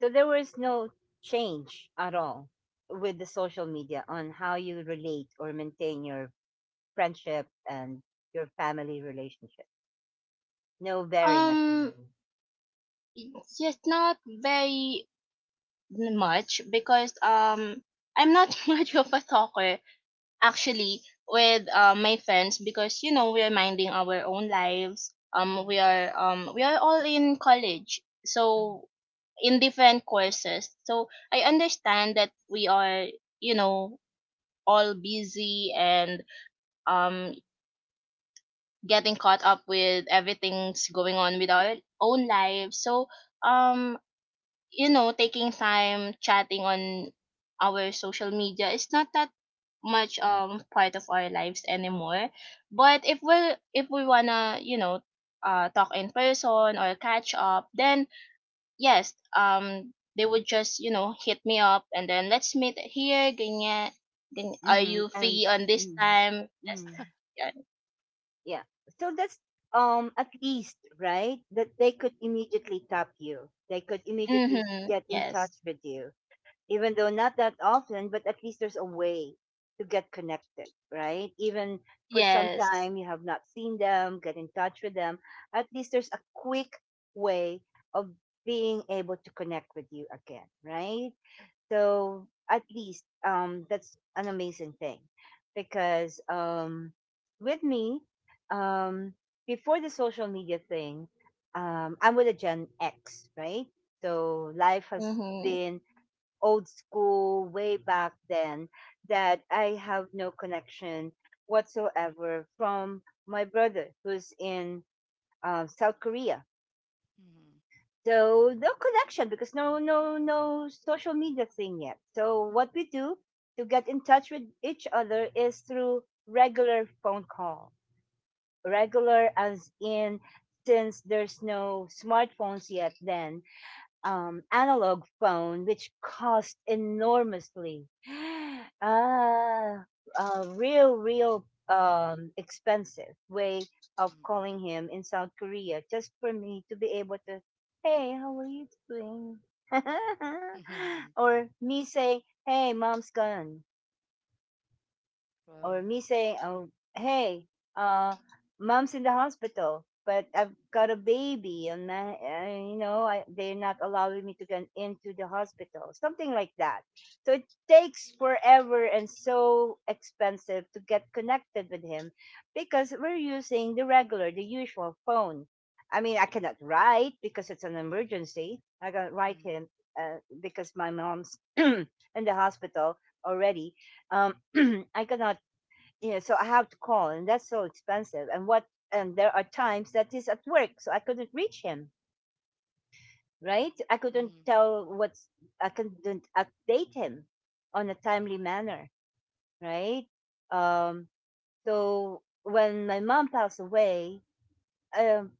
[SPEAKER 1] So there was no change at all with the social media on how you relate or maintain your friendship and your family relationship. No varying at
[SPEAKER 2] um
[SPEAKER 1] all.
[SPEAKER 2] yes, not very much because I'm not (laughs) much of a talker actually with my friends because, you know, we're minding our own lives.
[SPEAKER 3] Mm-hmm.
[SPEAKER 2] We are all in college, so in different courses, so I understand that we are, you know all busy and um getting caught up with everything's going on with our own lives, so um you know taking time chatting on our social media is not that much part of our lives anymore. But if we, wanna, talk in person or catch up, then yes, they would just, you know, hit me up, and then let's meet here. Ganyan, ganyan. Are
[SPEAKER 1] Mm-hmm.
[SPEAKER 2] you
[SPEAKER 1] And
[SPEAKER 2] free on this
[SPEAKER 1] mm,
[SPEAKER 2] time? Yes.
[SPEAKER 1] mm.
[SPEAKER 2] Yeah.
[SPEAKER 1] Yeah. So that's at least right that they could immediately tap you. They could immediately
[SPEAKER 2] Mhm.
[SPEAKER 1] get in
[SPEAKER 2] Yes.
[SPEAKER 1] touch with you, even though not that often. But at least there's a way to get connected, right? Even for some
[SPEAKER 2] Yes.
[SPEAKER 1] time you have not seen them, get in touch with them. At least there's a quick way of being able to connect with you again, right? So at least that's an amazing thing, because with me, um, before the social media thing, I'm with a Gen X, right? So life has
[SPEAKER 2] Mhm.
[SPEAKER 1] been old school way back then, that I have no connection whatsoever from my brother, who's in South Korea, so no connection, because no social media thing yet. So what we do to get in touch with each other is through regular phone call. Regular as in, since there's no smartphones yet, then analog phone, which cost enormously. (gasps) Uh, real, real expensive way of calling him in South Korea, just for me to be able to, hey, how are you doing? (laughs)
[SPEAKER 3] Mm-hmm. Mm-hmm. (laughs)
[SPEAKER 1] Or me saying, hey, mom's gone.
[SPEAKER 3] Wow.
[SPEAKER 1] Or me saying, "Oh, hey, uh, mom's in the hospital, but I've got a baby, and my, you know, I, they're not allowing me to get into the hospital," something like that. So it takes forever and so expensive to get connected with him, because we're using the regular, the usual phone. I mean, I cannot write because it's an emergency. I can't write
[SPEAKER 3] Mm-hmm.
[SPEAKER 1] him, because my mom's (clears throat) in the hospital already, um, (clears throat) I cannot, yeah, so I have to call, and that's so expensive. And what? And there are times that he's at work, so I couldn't reach him, right?
[SPEAKER 3] Mm-hmm.
[SPEAKER 1] I couldn't update him on a timely manner, right? um so when my mom passed away, um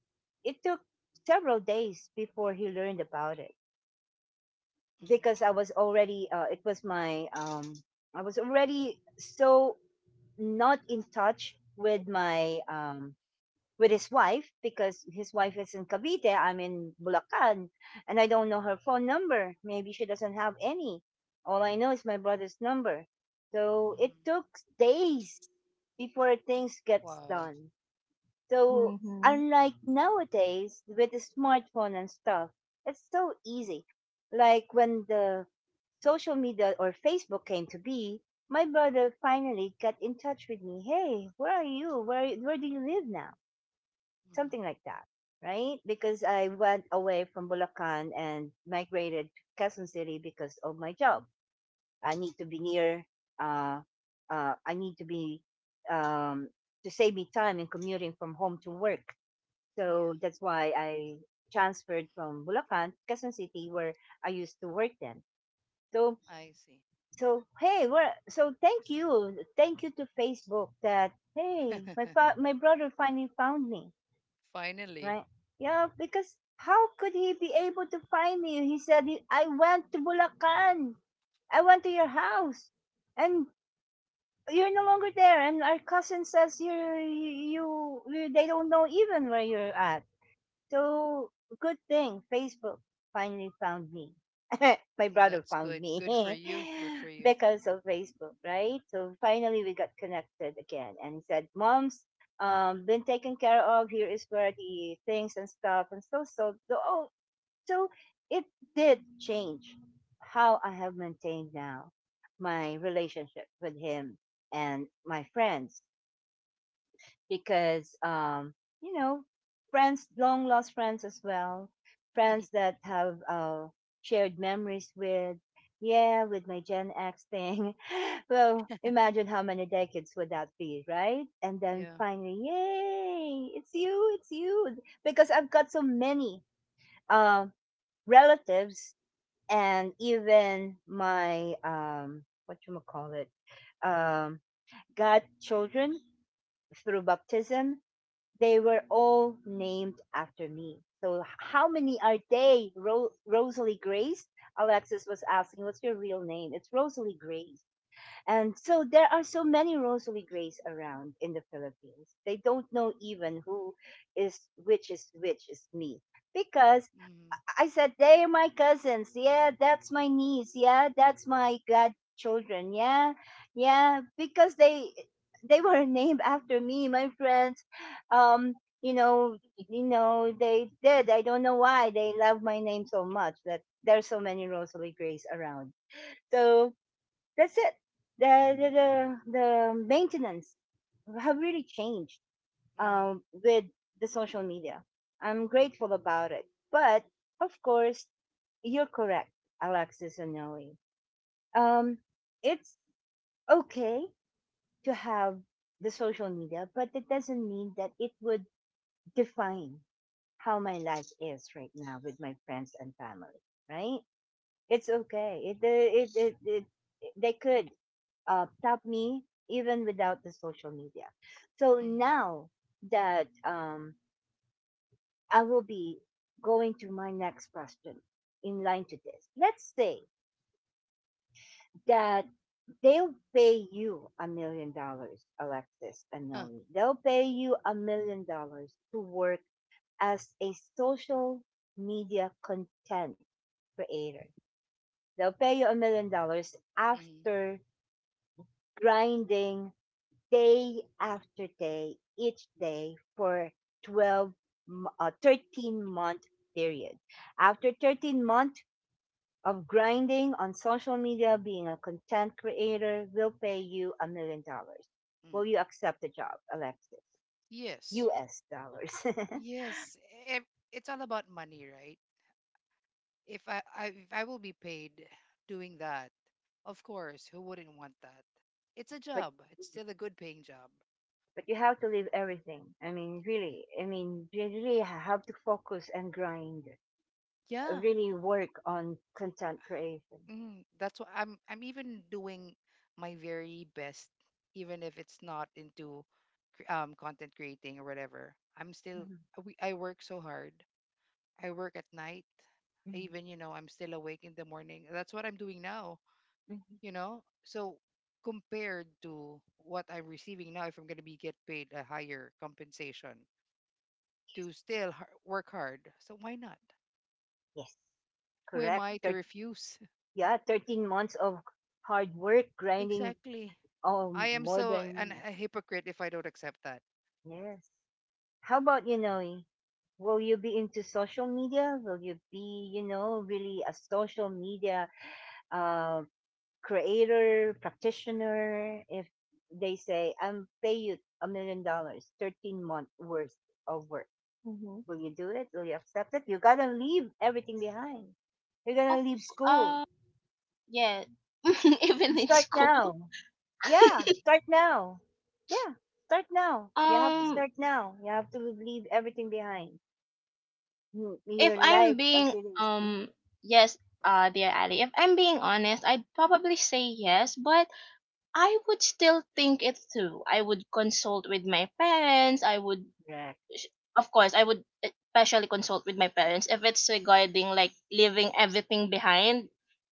[SPEAKER 1] it took several days before he learned about it,
[SPEAKER 3] Mm-hmm.
[SPEAKER 1] because I was already so not in touch with his wife, because his wife is in Cavite. I'm in Bulacan, and I don't know her phone number. Maybe she doesn't have any. All I know is my brother's number. So it took
[SPEAKER 3] Mm-hmm.
[SPEAKER 1] days before things gets
[SPEAKER 3] Wow.
[SPEAKER 1] done. So
[SPEAKER 2] Mhm.
[SPEAKER 1] unlike nowadays with the smartphone and stuff, it's so easy. Like when the social media or Facebook came to be, my brother finally got in touch with me. Hey, where are you? Where do you live now?
[SPEAKER 3] Mm-hmm.
[SPEAKER 1] Something like that, right? Because I went away from Bulacan and migrated to Quezon City because of my job. I need to be near. Uh, I need to be, um, to save me time in commuting from home to work.
[SPEAKER 3] Yeah,
[SPEAKER 1] So that's why I transferred from Bulacan to Quezon City, where I used to work then. So
[SPEAKER 3] I see.
[SPEAKER 1] so hey, so thank you to Facebook, that hey, my brother finally found me.
[SPEAKER 3] (laughs) Finally.
[SPEAKER 1] Right. Yeah, because how could he be able to find you? He said, I went to Bulacan. I went to your house. And you're no longer there. And our cousin says they don't know even where you're at. So good thing Facebook finally found me. (laughs) My brother
[SPEAKER 3] That's
[SPEAKER 1] found
[SPEAKER 3] good.
[SPEAKER 1] me,
[SPEAKER 3] Good for you. Good for
[SPEAKER 1] (laughs)
[SPEAKER 3] you.
[SPEAKER 1] because of Facebook, right? So finally we got connected again, and he said, "Mom's been taken care of. Here is where the things and stuff, and so." Oh, so it did change how I have maintained now my relationship with him and my friends, because you know friends, long lost friends as well, friends
[SPEAKER 3] (laughs)
[SPEAKER 1] that have shared memories with. Yeah, with my Gen X thing. (laughs) Well, imagine how many decades would that be, right? And then
[SPEAKER 3] Yeah.
[SPEAKER 1] finally, yay! It's you, it's you. Because I've got so many um, relatives, and even my what you call it, um, got children through baptism, they were all named after me. So how many are they? Rosalie Grace? Alexis was asking, what's your real name? It's Rosalie Grace. And so there are so many Rosalie Grace around in the Philippines. They don't know even who is which, is which is me, because
[SPEAKER 3] Mm-hmm.
[SPEAKER 1] I said, they're my cousins. Yeah, that's my niece. Yeah, that's my godchildren. Yeah, yeah, because they were (laughs) named after me. My friends, um, you know, they did. I don't know why they love my name so much. That there's so many Rosalie Grace around. So that's it. The the the, the maintenance have really changed
[SPEAKER 3] Mm-hmm.
[SPEAKER 1] with the social media. I'm grateful about it, but of course, you're correct, Alexis and Noe. Um, it's okay to have the social media, but it doesn't mean that it would define how my life is right now with my friends and family. Right? It's okay. It it it, it, it they could top me even without the social media. So
[SPEAKER 3] Mm-hmm.
[SPEAKER 1] now that, I will be going to my next question in line to this. Let's say that they'll pay you $1 million, Alexis and
[SPEAKER 3] Huh.
[SPEAKER 1] Nelly. They'll pay you $1 million to work as a social media content creator. They'll pay you $1 million
[SPEAKER 3] Mm-hmm.
[SPEAKER 1] after grinding day after day, each day for 12, 13-month period. After 13 month of grinding on social media, being a content creator will pay you $1 million. Will you
[SPEAKER 3] Mm-hmm.
[SPEAKER 1] accept the job, Alexis?
[SPEAKER 3] Yes.
[SPEAKER 1] US dollars. (laughs)
[SPEAKER 3] Yes. Ev- It's all about money, right? if I, I if I will be paid doing that, of course, who wouldn't want that? It's a
[SPEAKER 1] but
[SPEAKER 3] job. It's still a good paying job.
[SPEAKER 1] but you have to leave everything. I mean really, I mean you really have to focus and grind.
[SPEAKER 3] Yeah,
[SPEAKER 1] Really work on content creation.
[SPEAKER 3] that's what I'm. I'm even doing my very best, even if it's not into content creating or whatever. I'm still.
[SPEAKER 1] Mhm,
[SPEAKER 3] I work so hard. I work at night. I
[SPEAKER 1] mhm,
[SPEAKER 3] even you know I'm still awake in the morning. That's what I'm doing now.
[SPEAKER 1] mhm.
[SPEAKER 3] You know, so compared to what I'm receiving now, if I'm going to be get paid a higher compensation to still work hard, so why not?
[SPEAKER 1] Yes,
[SPEAKER 3] Who am
[SPEAKER 1] correct.
[SPEAKER 3] I to refuse?
[SPEAKER 1] Yeah, 13 months of hard work,
[SPEAKER 3] (laughs)
[SPEAKER 1] grinding.
[SPEAKER 3] Exactly.
[SPEAKER 1] Oh,
[SPEAKER 3] I am
[SPEAKER 1] more
[SPEAKER 3] so an,
[SPEAKER 1] than,
[SPEAKER 3] a hypocrite if I don't accept that.
[SPEAKER 1] yes. How about you, Noe? Will you be into social media? Will you be really a social media uh, creator, practitioner? If they say, I'm pay you $1 million, 13-month worth of work.
[SPEAKER 2] Mhm.
[SPEAKER 1] Will you do it? Will you accept it? You gotta leave everything behind. You're
[SPEAKER 2] Of
[SPEAKER 1] gonna leave school
[SPEAKER 2] uh yeah. (laughs) Even
[SPEAKER 1] and
[SPEAKER 2] in
[SPEAKER 1] start
[SPEAKER 2] school.
[SPEAKER 1] now. Yeah, start now. Yeah, start now. You have to
[SPEAKER 3] Hmm.
[SPEAKER 2] Um
[SPEAKER 1] start now. You have to leave everything behind.
[SPEAKER 2] if
[SPEAKER 1] Your
[SPEAKER 2] I'm
[SPEAKER 1] life as
[SPEAKER 2] being
[SPEAKER 1] it is. Mhm.
[SPEAKER 2] um yes, dear Ali, if I'm being honest, I'd probably say yes, but I would still think it through. I would consult with my parents. I would
[SPEAKER 1] Correct,
[SPEAKER 2] sh- of course, I would especially consult with my parents if it's regarding like leaving everything behind,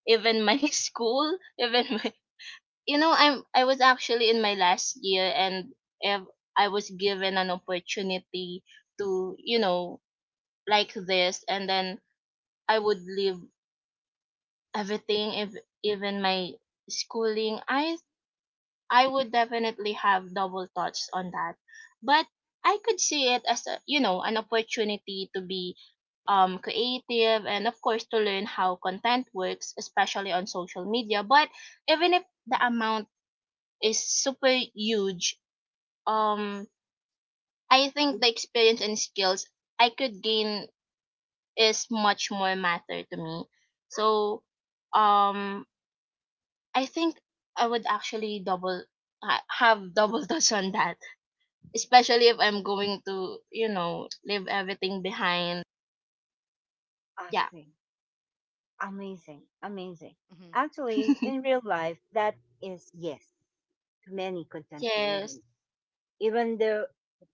[SPEAKER 2] even my (laughs) school, even my, you know, I was actually in my last year, and if I was given an opportunity to, you know, like this, and then I would leave everything, if even my schooling. I would definitely have double thoughts on that, but I could see it as a, an opportunity to be creative, and of course to learn how content works, especially on social media. But even if the amount is super huge, um, I
[SPEAKER 1] is
[SPEAKER 2] think the experience and skills I could gain is much more matter to me. So um I think I would actually have double (laughs) touch on that, especially if I'm going to, you know, leave everything behind. Yeah.
[SPEAKER 1] awesome, amazing, amazing.
[SPEAKER 3] Hmm.
[SPEAKER 1] Actually, in
[SPEAKER 2] (laughs)
[SPEAKER 1] real life, that is yes to many content creators.
[SPEAKER 2] Yes.
[SPEAKER 1] Even though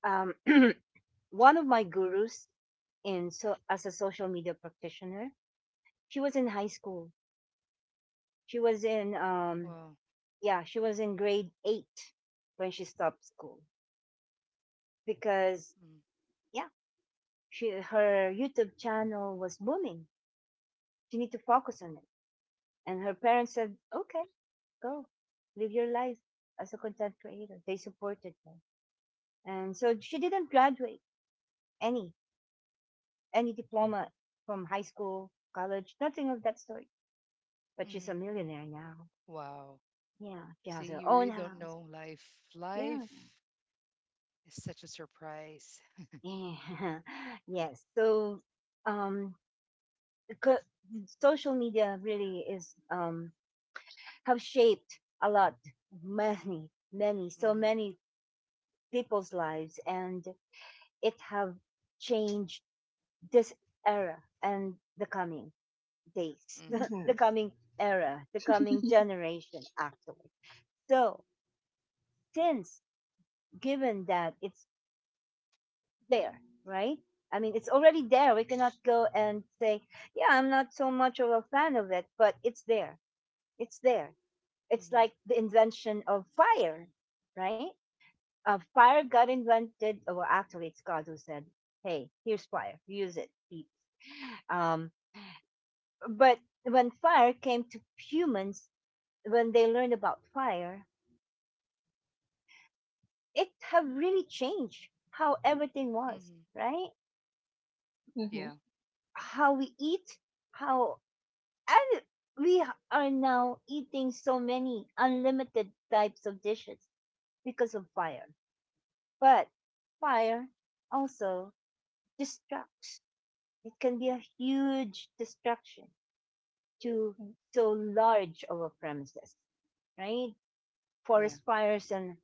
[SPEAKER 1] um, (clears throat) one of my gurus in, so as a social media practitioner, she was in high school. She was in
[SPEAKER 3] Wow.
[SPEAKER 1] Yeah, she was in grade eight when she stopped school, because, yeah, she her YouTube channel was booming. She need to focus on it. And her parents said, okay, go, live your life as a content creator. They supported her. And so she didn't graduate any, any diploma from high school, college, nothing of that sort. But she's a
[SPEAKER 3] Mm-hmm.
[SPEAKER 1] millionaire now.
[SPEAKER 3] Wow.
[SPEAKER 1] Yeah. She
[SPEAKER 3] See,
[SPEAKER 1] has her
[SPEAKER 3] you
[SPEAKER 1] own
[SPEAKER 3] really don't
[SPEAKER 1] house.
[SPEAKER 3] know life.
[SPEAKER 1] Yes.
[SPEAKER 3] Life is such a surprise.
[SPEAKER 1] Yeah. (laughs) Yes. So, um, social media really is, have shaped a lot, many, many, so
[SPEAKER 3] Hmm.
[SPEAKER 1] many people's lives, and it have changed this era and the coming days,
[SPEAKER 3] Hmm.
[SPEAKER 1] (laughs) the
[SPEAKER 2] Mhm.
[SPEAKER 1] coming era, the coming
[SPEAKER 2] (laughs)
[SPEAKER 1] generation, actually. So, since given that it's there, right? I mean, it's already there. We cannot go and say, yeah, I'm not so much of a fan of it, but it's there. It's there. It's
[SPEAKER 3] Hmm.
[SPEAKER 1] like the invention of fire, right? Fire got invented. Well, actually, it's God who said, hey, here's fire, use it. Um, but when fire came to humans, when they learned about fire, it have really changed how everything was,
[SPEAKER 3] Hmm.
[SPEAKER 1] right?
[SPEAKER 2] Mhm.
[SPEAKER 3] Yeah.
[SPEAKER 1] How we eat, how and we are now eating so many unlimited types of dishes because of fire. But fire also destructs. It can be a huge destruction to
[SPEAKER 2] Mhm.
[SPEAKER 1] so large of a premises, right?
[SPEAKER 3] Yeah.
[SPEAKER 1] Forest fires and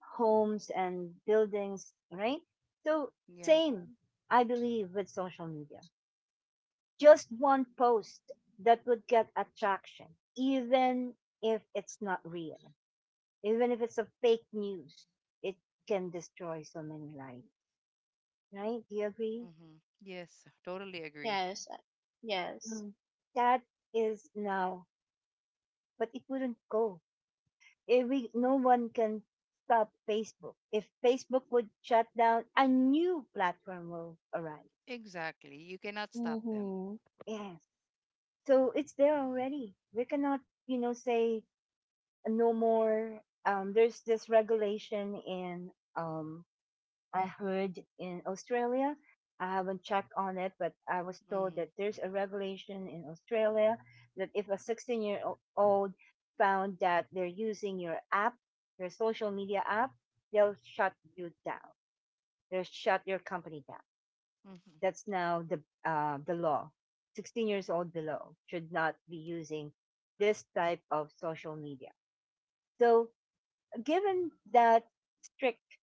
[SPEAKER 1] homes and buildings, right? So,
[SPEAKER 3] Yeah.
[SPEAKER 1] same, I believe, with social media. Just one post that would get attraction, even if it's not real, even if it's a fake news, it can destroy so many lives, right? Do you agree?
[SPEAKER 3] Hmm. Yes, totally agree.
[SPEAKER 2] Yes. Yes.
[SPEAKER 1] Mm. That is now, but it wouldn't go. If we, No one can stop Facebook. If Facebook would shut down, a new platform will arise.
[SPEAKER 3] Exactly. You cannot stop them.
[SPEAKER 2] Mhm.
[SPEAKER 1] Yes. So it's there already. We cannot, say, no more. There's this regulation um, I heard in Australia. I haven't checked on it, but I was told
[SPEAKER 3] Hmm.
[SPEAKER 1] that there's a regulation in Australia that if a 16-year-old found that they're using your app, your social media app, they'll shut you down. They'll shut your company down.
[SPEAKER 3] Hmm.
[SPEAKER 1] That's now the law. 16 years old below should not be using this type of social media. So, given that strict,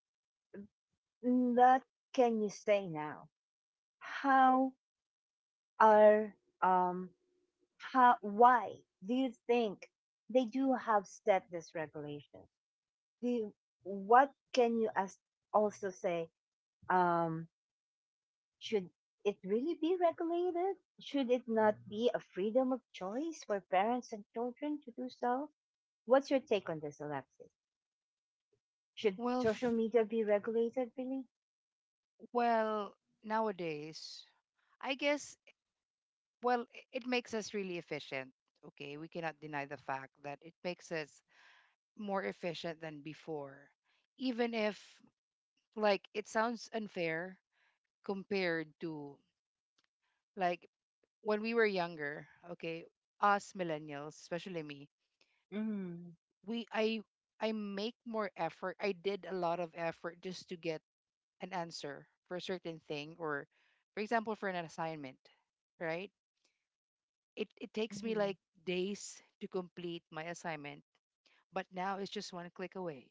[SPEAKER 1] what can you say now? How are um how why do you think they do have set this regulation? Do you, what can you as also say, um should it really be regulated? Should it not be a freedom of choice for parents and children to do so? What's your take on this, Alexis? Should
[SPEAKER 3] Well, f-
[SPEAKER 1] social media be regulated, really?
[SPEAKER 3] well, nowadays, I guess, well, it makes us really efficient. Okay. We cannot deny the fact that it makes us more efficient than before. Even if, like, it sounds unfair compared to, like, when we were younger, okay, us millennials, especially me,
[SPEAKER 1] Mm,
[SPEAKER 3] we I make more effort. I did a lot of effort just to get an answer for a certain thing or for example for an assignment, right? It takes me
[SPEAKER 1] mm,
[SPEAKER 3] like days to complete my assignment, but now it's just one click away.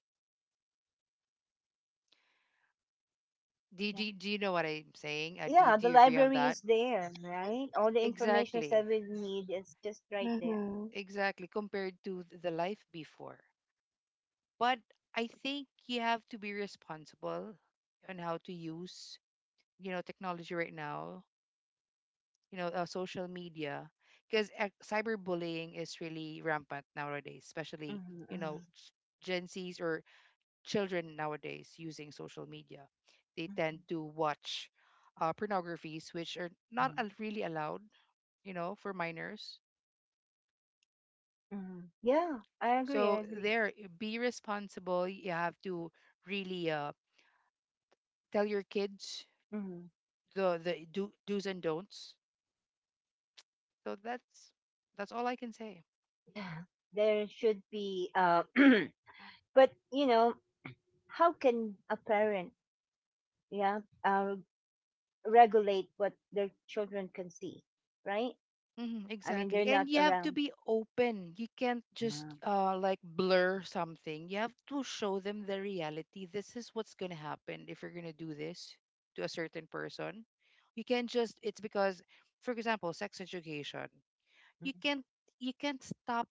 [SPEAKER 1] yeah.
[SPEAKER 3] Do you know what I'm saying?
[SPEAKER 1] Yeah,
[SPEAKER 3] Do
[SPEAKER 1] the
[SPEAKER 3] you agree on
[SPEAKER 1] library
[SPEAKER 3] that?
[SPEAKER 1] is there, right? All the information that
[SPEAKER 3] Exactly,
[SPEAKER 1] we need is just right there.
[SPEAKER 2] Mhm.
[SPEAKER 3] exactly, compared to the life before. But I think you have to be responsible on how to use you know technology right now, you know, social media, because cyberbullying is really rampant nowadays, especially,
[SPEAKER 1] Mm,
[SPEAKER 3] you know,
[SPEAKER 1] mm,
[SPEAKER 3] Gen Zs or children nowadays using social media. They
[SPEAKER 1] mm,
[SPEAKER 3] tend to watch pornographies, which are not
[SPEAKER 1] mm,
[SPEAKER 3] really allowed, you know, for minors.
[SPEAKER 1] mm. Yeah, I agree, I
[SPEAKER 3] So
[SPEAKER 1] agree.
[SPEAKER 3] there, be responsible. You have to really tell your kids
[SPEAKER 1] Mm,
[SPEAKER 3] the do's and don'ts. So that's all I can say.
[SPEAKER 1] yeah, there should be, (clears throat) but, how can a parent, yeah, uh, regulate what their children can see, right?
[SPEAKER 3] Hmm.
[SPEAKER 1] I mean, they're
[SPEAKER 3] Exactly.
[SPEAKER 1] not
[SPEAKER 3] And you have to
[SPEAKER 1] around.
[SPEAKER 3] be open. You can't just
[SPEAKER 1] Ah,
[SPEAKER 3] like blur something. You have to show them the reality. This is what's gonna happen if you're gonna do this to a certain person. You can't just it's because for example, sex education.
[SPEAKER 1] mm,
[SPEAKER 3] You can't you can't stop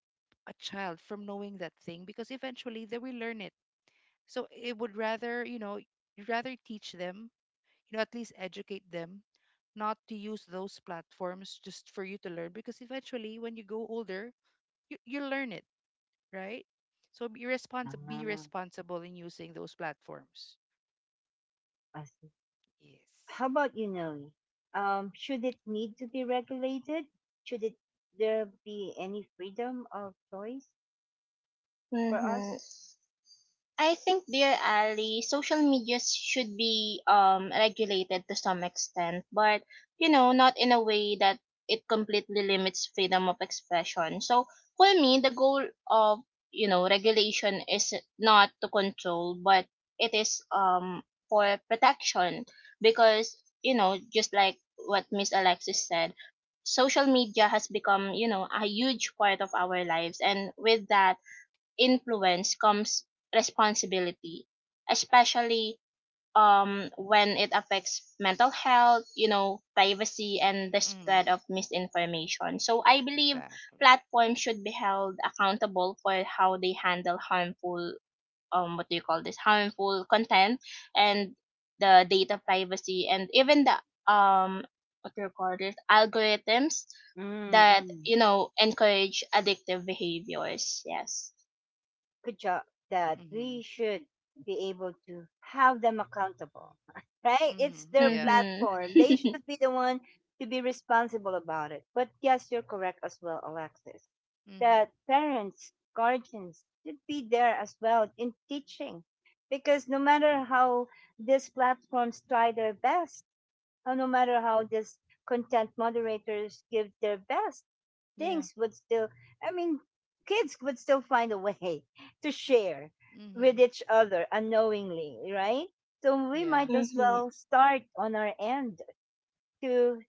[SPEAKER 3] a child from knowing that thing because eventually they will learn it. So it would rather, you know, you'd rather teach them, you know, at least educate them not to use those platforms just for you to learn because eventually when you go older you learn it, right? So be responsible, be
[SPEAKER 1] ah,
[SPEAKER 3] responsible in using those platforms.
[SPEAKER 1] I see. How
[SPEAKER 3] Yes.
[SPEAKER 1] about, should it need to be regulated, should it there be any freedom of choice for us?
[SPEAKER 2] Mhm. I think, dear Ali, social media should be, regulated to some extent, but you know, not in a way that it completely limits freedom of expression. So for me, the goal of, regulation is not to control, but it is for protection, because you know just like what Miss Alexis said, social media has become, you know, a huge part of our lives, and with that influence comes responsibility, especially when it affects mental health, you know, privacy, and the
[SPEAKER 3] mm,
[SPEAKER 2] spread of misinformation. So I believe
[SPEAKER 3] Exactly.
[SPEAKER 2] platforms should be held accountable for how they handle harmful, what do you call this, harmful content, and the data privacy, and even the, what do you call this, algorithms
[SPEAKER 1] Mm,
[SPEAKER 2] that,
[SPEAKER 1] mm.
[SPEAKER 2] you know, encourage addictive behaviors. Yes.
[SPEAKER 1] Good job, that we
[SPEAKER 3] Mm-hmm.
[SPEAKER 1] should be able to have them accountable, (laughs) right? It's
[SPEAKER 3] Mm-hmm,
[SPEAKER 1] their
[SPEAKER 3] yeah.
[SPEAKER 2] Mhm.
[SPEAKER 1] platform. They
[SPEAKER 2] (laughs)
[SPEAKER 1] should be the one to be responsible about it. But yes, you're correct as well, Alexis,
[SPEAKER 3] Mm-hmm,
[SPEAKER 1] that parents, guardians should be there as well in teaching, because no matter how these platforms try their best, and no matter how these content moderators give their best,
[SPEAKER 3] yeah.
[SPEAKER 1] things would still I mean, kids would still find a way (laughs) to share with
[SPEAKER 3] Mm-hmm,
[SPEAKER 1] each other unknowingly, right? So we
[SPEAKER 3] yeah.
[SPEAKER 1] might as
[SPEAKER 2] Mhm.
[SPEAKER 1] well start on our end to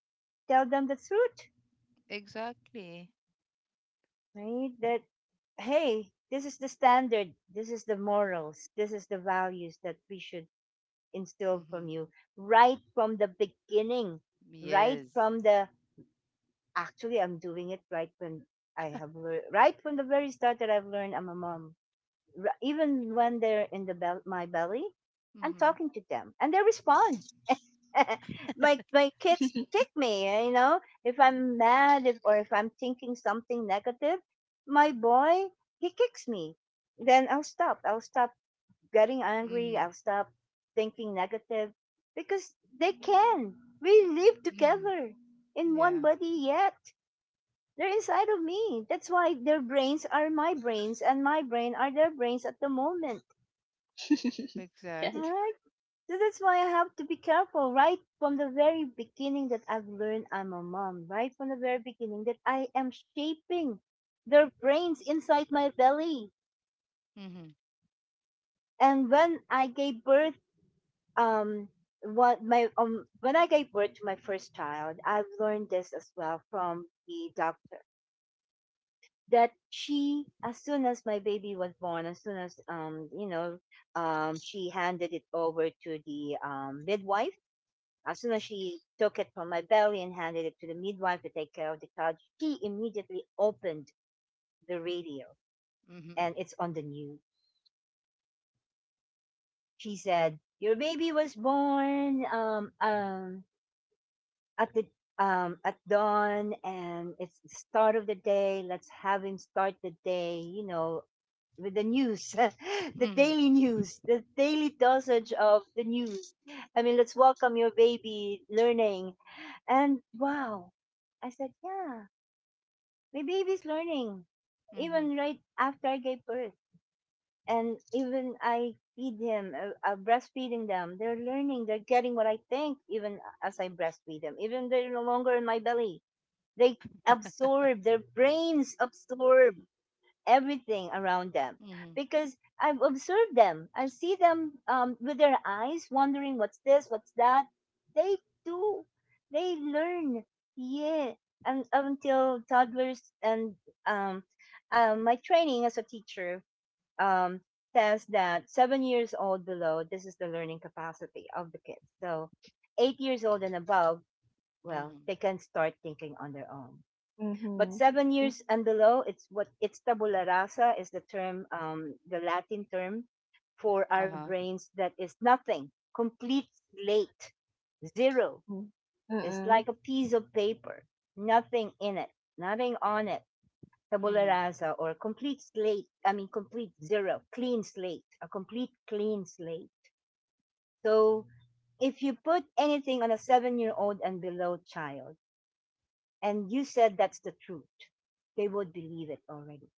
[SPEAKER 1] tell them the truth,
[SPEAKER 3] Exactly.
[SPEAKER 1] right, that hey, this is the standard, this is the morals, this is the values that we should instill
[SPEAKER 3] Mm-hmm,
[SPEAKER 1] from you, right from the beginning, right
[SPEAKER 3] yes.
[SPEAKER 1] from the actually, I'm doing it right when I have learned, right from the very start that I've learned I'm a mom, even when they're in the my belly. I'm
[SPEAKER 3] Mm-hmm.
[SPEAKER 1] talking to them, and they respond. (laughs) My kids kick me. If I'm mad, if, or if I'm thinking something negative, my boy he kicks me. Then I'll stop. I'll stop getting angry.
[SPEAKER 3] Mm-hmm.
[SPEAKER 1] I'll stop thinking negative, because they can. We live
[SPEAKER 3] Mm-hmm,
[SPEAKER 1] together in one
[SPEAKER 3] yeah.
[SPEAKER 1] body yet. They're inside of me. That's why their brains are my brains, and my brain are their brains at the moment.
[SPEAKER 2] (laughs) Yes.
[SPEAKER 3] Exactly.
[SPEAKER 1] Alright, so that's why I have to be careful right from the very beginning that I've learned I'm a mom, right from the very beginning that I am shaping their brains inside my belly.
[SPEAKER 3] Mm-hmm.
[SPEAKER 1] And when I gave birth, um, what my when I gave birth to my first child, I've learned this as well from the doctor, that she, as soon as my baby was born, as soon as, she handed it over to the midwife. As soon as she took it from my belly and handed it to the midwife to take care of the child, she immediately opened the radio,
[SPEAKER 3] Mm-hmm.
[SPEAKER 1] and it's on the news. She said, your baby was born, at the at dawn, and it's the start of the day. Let's have him start the day, with the news, (laughs) the
[SPEAKER 3] Mm-hmm.
[SPEAKER 1] daily news, the daily dosage of the news. I mean, let's welcome your baby learning. And wow, I said, yeah, my baby's learning
[SPEAKER 3] Mm-hmm.
[SPEAKER 1] even right after I gave birth. And even I feed him, breastfeeding them, they're learning, they're getting what I think even as I breastfeed them. Even they're no longer in my belly, they absorb, their brains absorb everything around them,
[SPEAKER 3] Mm-hmm.
[SPEAKER 1] because I've observed them. I see them, with their eyes wondering what's this, what's that. They do. They learn. Yeah. And until toddlers and, um, my training as a teacher, um, says that 7 years old below, this is the learning capacity of the kids. So 8 years old and above, well,
[SPEAKER 3] Mm-hmm.
[SPEAKER 1] they can start thinking on their own. But
[SPEAKER 2] Mhm.
[SPEAKER 1] 7 years and below, it's, tabula rasa is the term, the Latin term for our
[SPEAKER 3] Uh-huh.
[SPEAKER 1] brains, that is nothing, complete slate, zero.
[SPEAKER 2] Mhm.
[SPEAKER 1] It's
[SPEAKER 2] Mm-mm.
[SPEAKER 1] like a piece of paper, nothing in it, nothing on it. Tabula
[SPEAKER 3] Mm-hmm.
[SPEAKER 1] rasa, or complete slate. I mean, complete zero, clean slate, a complete clean slate. So if you put anything on a 7 year old and below child, and you said that's the truth, they would believe it already.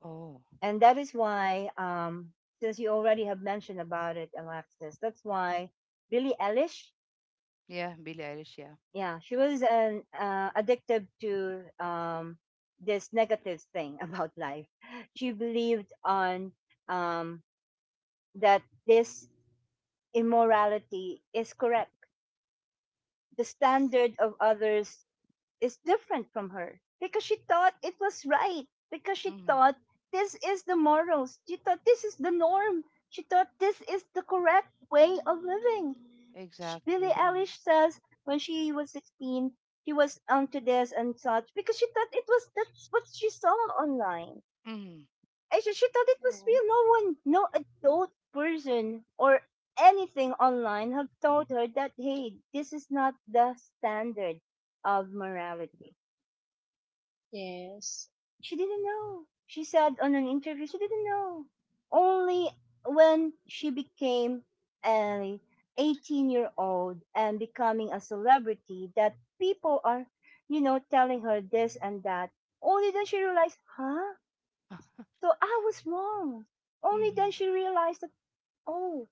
[SPEAKER 3] Oh.
[SPEAKER 1] And that is why, since you already have mentioned about it, Alexis, that's why Billie Eilish,
[SPEAKER 3] Yeah, Billie Eilish, yeah.
[SPEAKER 1] yeah, she was an addicted to, this negative thing (laughs) about life. She believed on, um that this immorality is correct, the standard of others is different from her, because she thought it was right, because she
[SPEAKER 3] Mm-hmm.
[SPEAKER 1] thought this is the morals, she thought this is the norm, she thought this is the correct way of living.
[SPEAKER 3] Exactly.
[SPEAKER 1] Billie
[SPEAKER 3] Mm-hmm.
[SPEAKER 1] Eilish says when she was 16, she was onto this and such because she thought it was that's what she saw online.
[SPEAKER 3] Mm-hmm.
[SPEAKER 1] Actually, she thought it was
[SPEAKER 2] Mm.
[SPEAKER 1] real. No one, no adult person or anything online have told her that hey, this is not the standard of morality.
[SPEAKER 2] Yes.
[SPEAKER 1] She didn't know. She said on an interview she didn't know. Only when she became an 18-year-old and becoming a celebrity that people are, telling her this and that. Only then she realized, huh?
[SPEAKER 3] Ah.
[SPEAKER 1] So I was wrong. Only
[SPEAKER 3] Mm-hmm.
[SPEAKER 1] then she realized that, oh,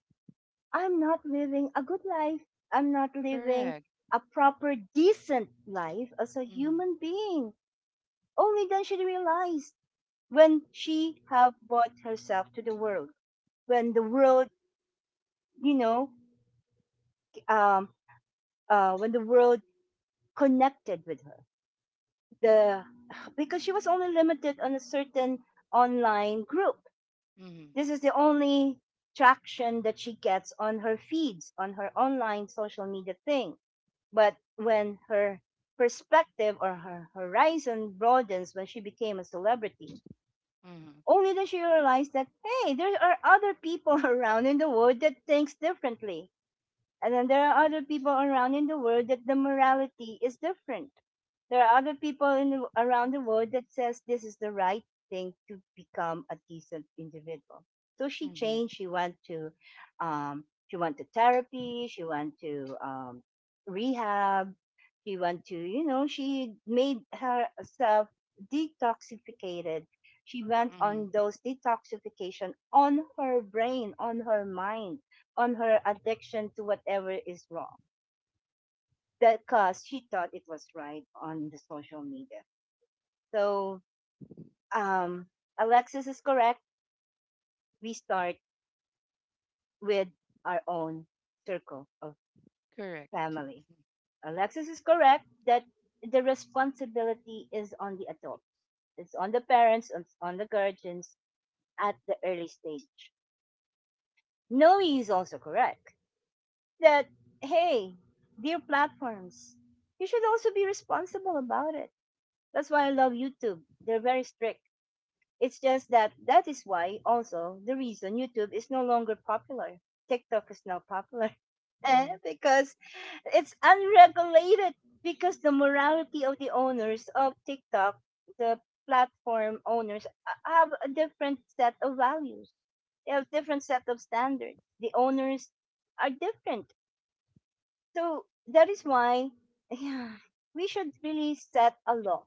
[SPEAKER 1] I'm not living a good life. I'm not living
[SPEAKER 3] Correct.
[SPEAKER 1] a proper, decent life as a
[SPEAKER 3] Mm-hmm.
[SPEAKER 1] human being. Only then she realized when she have brought herself to the world, when the world, you know um when the world connected with her. The (sighs) Because she was only limited on a certain online group,
[SPEAKER 3] Mm-hmm.
[SPEAKER 1] this is the only traction that she gets on her feeds, on her online social media thing. But when her perspective or her horizon broadens, when she became a celebrity,
[SPEAKER 3] Mm-hmm.
[SPEAKER 1] only then she realized that, hey, there are other people (laughs) around in the world that thinks differently. And then there are other people around in the world that the morality is different. There are other people in around the world that says this is the right thing to become a decent individual. So she changed.
[SPEAKER 3] Mm-hmm.
[SPEAKER 1] She went to therapy. She went to rehab. She went to, she made herself detoxificated. She went
[SPEAKER 3] Mm-hmm.
[SPEAKER 1] on those detoxification on her brain, on her mind, on her addiction to whatever is wrong because she thought it was right on the social media. So um, Alexis is correct. We start with our own circle of
[SPEAKER 3] Correct.
[SPEAKER 1] family.
[SPEAKER 3] Mm-hmm.
[SPEAKER 1] Alexis is correct that the responsibility is on the adults. It's on the parents, it's on the guardians at the early stage. Noe is also correct that, hey, dear platforms, you should also be responsible about it. That's why I love YouTube. They're very strict. It's just that is why also the reason YouTube is no longer popular. TikTok is now popular. (laughs) Eh,
[SPEAKER 3] Mm-hmm.
[SPEAKER 1] because it's unregulated because the morality of the owners of TikTok, the platform owners have a different set of values. They have different set of standards. The owners are different. So that is why (laughs) yeah, we should really set a law,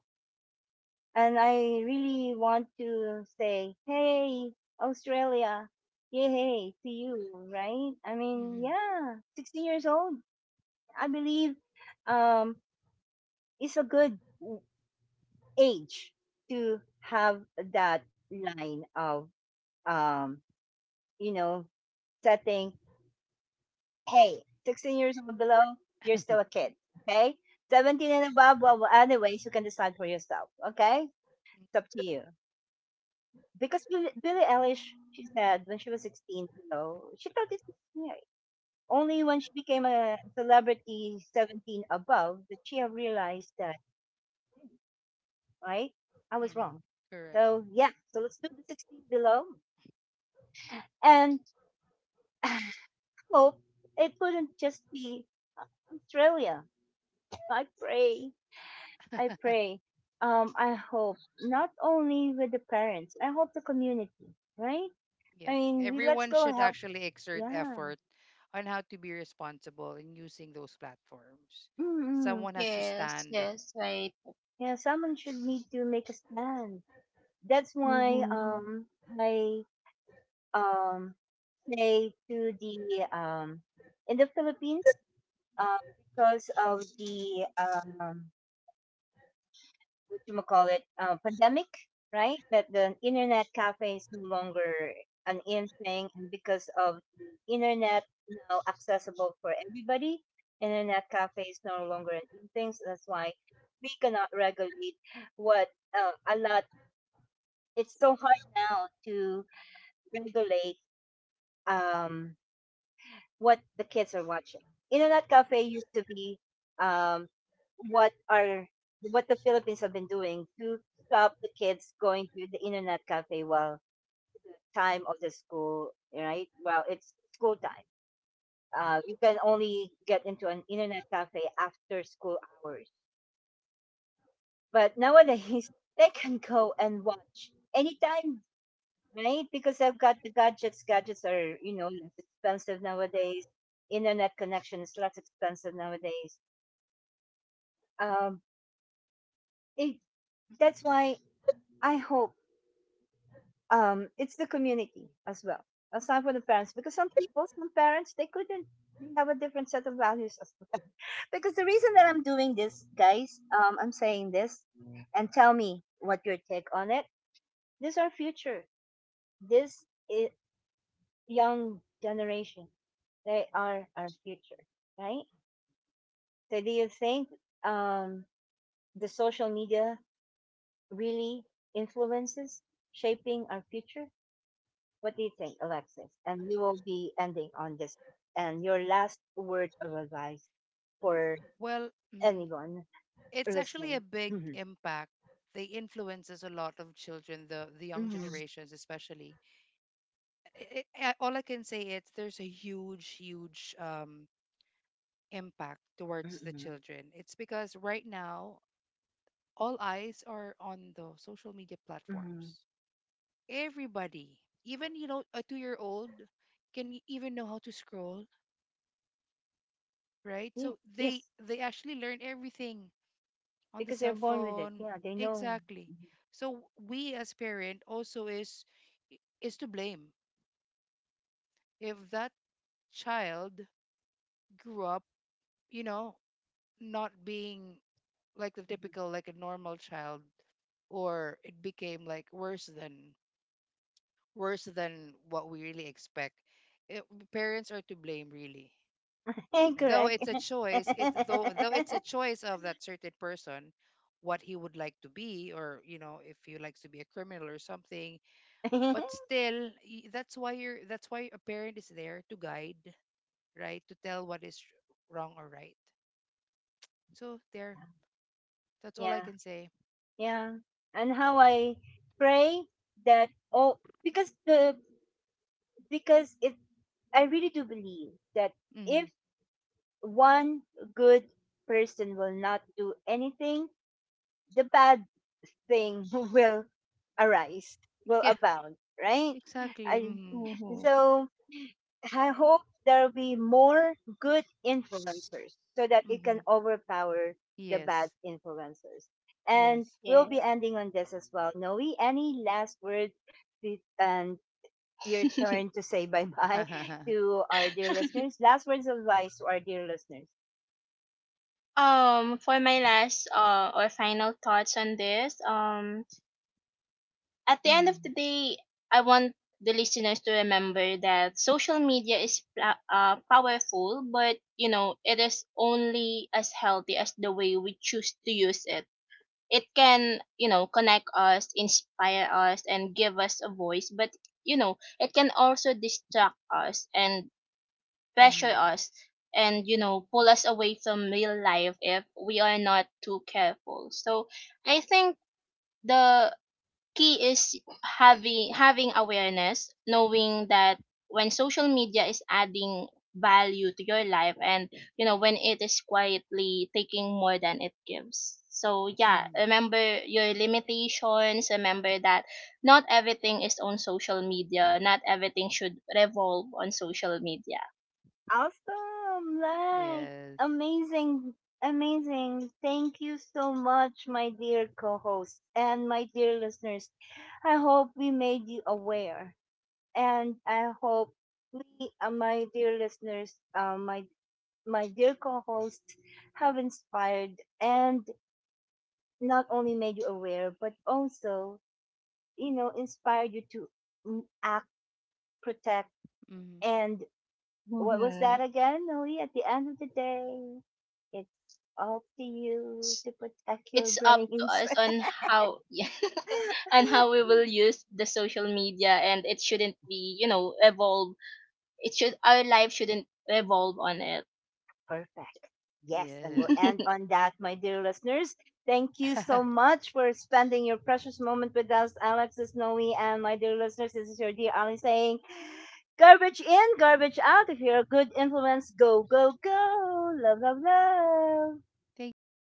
[SPEAKER 1] and I really want to say, hey, Australia, yay to you, right? I mean, yeah, 16 years old, I believe um, it's a good age to have that line of, um, you know, setting, hey, 16 years old below, you're still a kid, okay? 17 and above, well, well, anyways, you can decide for yourself, okay?
[SPEAKER 3] Mm-hmm.
[SPEAKER 1] It's up to you. Because Billie Eilish, she said when she was 16, you know, she thought this was scary. Only when she became a celebrity 17 above that she realized that, right? I was
[SPEAKER 3] Mm-hmm.
[SPEAKER 1] wrong.
[SPEAKER 3] Correct.
[SPEAKER 1] So, yeah, so let's do the 16 below and hope it wouldn't just be Australia. I pray, I pray. I hope not only with the parents, I hope the community, right? I
[SPEAKER 3] Yeah.
[SPEAKER 1] mean, let's
[SPEAKER 3] Everyone
[SPEAKER 1] go
[SPEAKER 3] should
[SPEAKER 1] help.
[SPEAKER 3] actually exert
[SPEAKER 1] Yeah.
[SPEAKER 3] effort on how to be responsible in using those platforms.
[SPEAKER 1] Mm-mm.
[SPEAKER 3] Someone has to
[SPEAKER 2] Yes.
[SPEAKER 3] stand.
[SPEAKER 2] Yes. Right.
[SPEAKER 1] Yeah, someone should need to make a stand. That's why
[SPEAKER 2] Mhm.
[SPEAKER 1] I um say to the um in the Philippines, um because of the what you call it pandemic, right? That the internet cafe is no longer an in thing, and because of the internet now accessible for everybody, internet cafe is no longer an in thing. So that's why we cannot regulate what a lot it's so hard now to regulate um, what the kids are watching. Internet cafe used to be, um, what are what the Philippines have been doing to stop the kids going to the internet cafe while time of the school, right? Well, it's school time. You can only get into an internet cafe after school hours. But nowadays, (laughs) they can go and watch anytime, right? Because I've got the gadgets. Gadgets are, you know, less expensive nowadays. Internet connection is less expensive nowadays. Um, it, that's why I hope, it's the community as well, aside from the parents. Because some people, some parents, they couldn't they have a different set of values as well. (laughs) Because the reason that I'm doing this, guys, I'm saying this, and tell me what your take on it. This is our future. This is young generation. They are our future, right? So do you think, um, the social media really influences shaping our future? What do you think, Alexis? And we will be ending on this. And your last words of advice for
[SPEAKER 3] Well,
[SPEAKER 1] anyone
[SPEAKER 3] it's actually a
[SPEAKER 1] listening.
[SPEAKER 3] big
[SPEAKER 1] Mhm,
[SPEAKER 3] impact. They influences a lot of children, the young
[SPEAKER 1] mhm,
[SPEAKER 3] generations especially all I can say is there's a huge impact towards the
[SPEAKER 1] mhm,
[SPEAKER 3] children. It's because right now all eyes are on the social media
[SPEAKER 1] mhm.
[SPEAKER 3] platforms. Everybody, even you know a two-year-old, can even know how to scroll, right?
[SPEAKER 1] Yeah,
[SPEAKER 3] So
[SPEAKER 1] yes,
[SPEAKER 3] they actually learn everything on the
[SPEAKER 1] because they're
[SPEAKER 3] cell
[SPEAKER 1] born with it.
[SPEAKER 3] phone.
[SPEAKER 1] Yeah, they know.
[SPEAKER 3] Exactly.
[SPEAKER 1] Mhm,
[SPEAKER 3] So we as parent also is to blame if that child grew up, you know, not being like the typical like a normal child or it became like worse than what we really expect it, parents are to blame really,
[SPEAKER 1] mhm. (laughs)
[SPEAKER 3] though
[SPEAKER 1] Correct.
[SPEAKER 3] it's a
[SPEAKER 1] (laughs)
[SPEAKER 3] choice, it's though it's a choice of that certain person what he would like to be or you know if he likes to be a criminal or something, but still that's why a parent is there to guide, right? To tell what is wrong or right. So there, that's all I
[SPEAKER 1] Yeah.
[SPEAKER 3] can say.
[SPEAKER 1] Yeah, and how I pray that, oh, because the because if I really do believe that
[SPEAKER 3] Mm.
[SPEAKER 1] if one good person will not do anything, the bad thing (laughs) will arise, will
[SPEAKER 3] (laughs)
[SPEAKER 1] abound, right?
[SPEAKER 3] Exactly.
[SPEAKER 1] I,
[SPEAKER 3] Mm-hmm.
[SPEAKER 2] Mhm.
[SPEAKER 1] so I hope there'll be more good influencers so that it
[SPEAKER 3] Mm-hmm.
[SPEAKER 1] can overpower the
[SPEAKER 3] Yes.
[SPEAKER 1] bad influencers. And
[SPEAKER 3] Yes.
[SPEAKER 1] we'll be
[SPEAKER 2] Yes.
[SPEAKER 1] ending on this as well. Noe, any last words and your
[SPEAKER 2] (laughs)
[SPEAKER 1] turn to say bye
[SPEAKER 3] (laughs)
[SPEAKER 1] bye (laughs)
[SPEAKER 3] Mm-hmm.
[SPEAKER 1] to our dear
[SPEAKER 2] (laughs)
[SPEAKER 1] listeners? Last words of advice to our dear listeners.
[SPEAKER 2] For my last or final thoughts on this, at the end of the
[SPEAKER 1] Mhm.
[SPEAKER 2] day, I want the listeners to remember that social media is powerful, but you know, it is only as healthy as the way we choose to use it. It can, you know, connect us, inspire us, and give us a voice, but you know, it can also distract us and pressure us, and you know pull us away from real life if we are not too careful. So I think the key is having awareness, knowing that when social media is adding value to your life, and you know when it is quietly taking more than it gives. So yeah,
[SPEAKER 3] Mm-hmm.
[SPEAKER 2] remember your limitations, remember that not everything is on social media, not everything should revolve on social media.
[SPEAKER 1] Awesome! Like,
[SPEAKER 3] Yes.
[SPEAKER 1] amazing, amazing. Thank you so much, my dear co host and my dear listeners. I hope we made you aware, and I hope my dear listeners, my dear co-hosts, have inspired and not only made you aware, but also, you know, inspired you to act, protect,
[SPEAKER 3] Mm-hmm.
[SPEAKER 1] and what was that
[SPEAKER 2] Mhm.
[SPEAKER 1] again, Noe? At the end of the day, it's up to you
[SPEAKER 2] It's
[SPEAKER 1] to protect your
[SPEAKER 2] it's up to
[SPEAKER 1] brains.
[SPEAKER 2] us on how (laughs) yeah. On how we
[SPEAKER 1] (laughs)
[SPEAKER 2] will use the social media, and it shouldn't be, you know, evolve. It should Our life shouldn't revolve on it.
[SPEAKER 1] Perfect. Yes, and we'll
[SPEAKER 3] Yes.
[SPEAKER 1] end
[SPEAKER 2] (laughs)
[SPEAKER 1] on that, my dear listeners. Thank you so
[SPEAKER 3] (laughs)
[SPEAKER 1] much for spending your precious moment with us, Alex Snowy, and my dear listeners. This is your dear Ali saying, garbage in, garbage out. If you're a good influence, go, go, go. Love, love, love.
[SPEAKER 3] Thank you very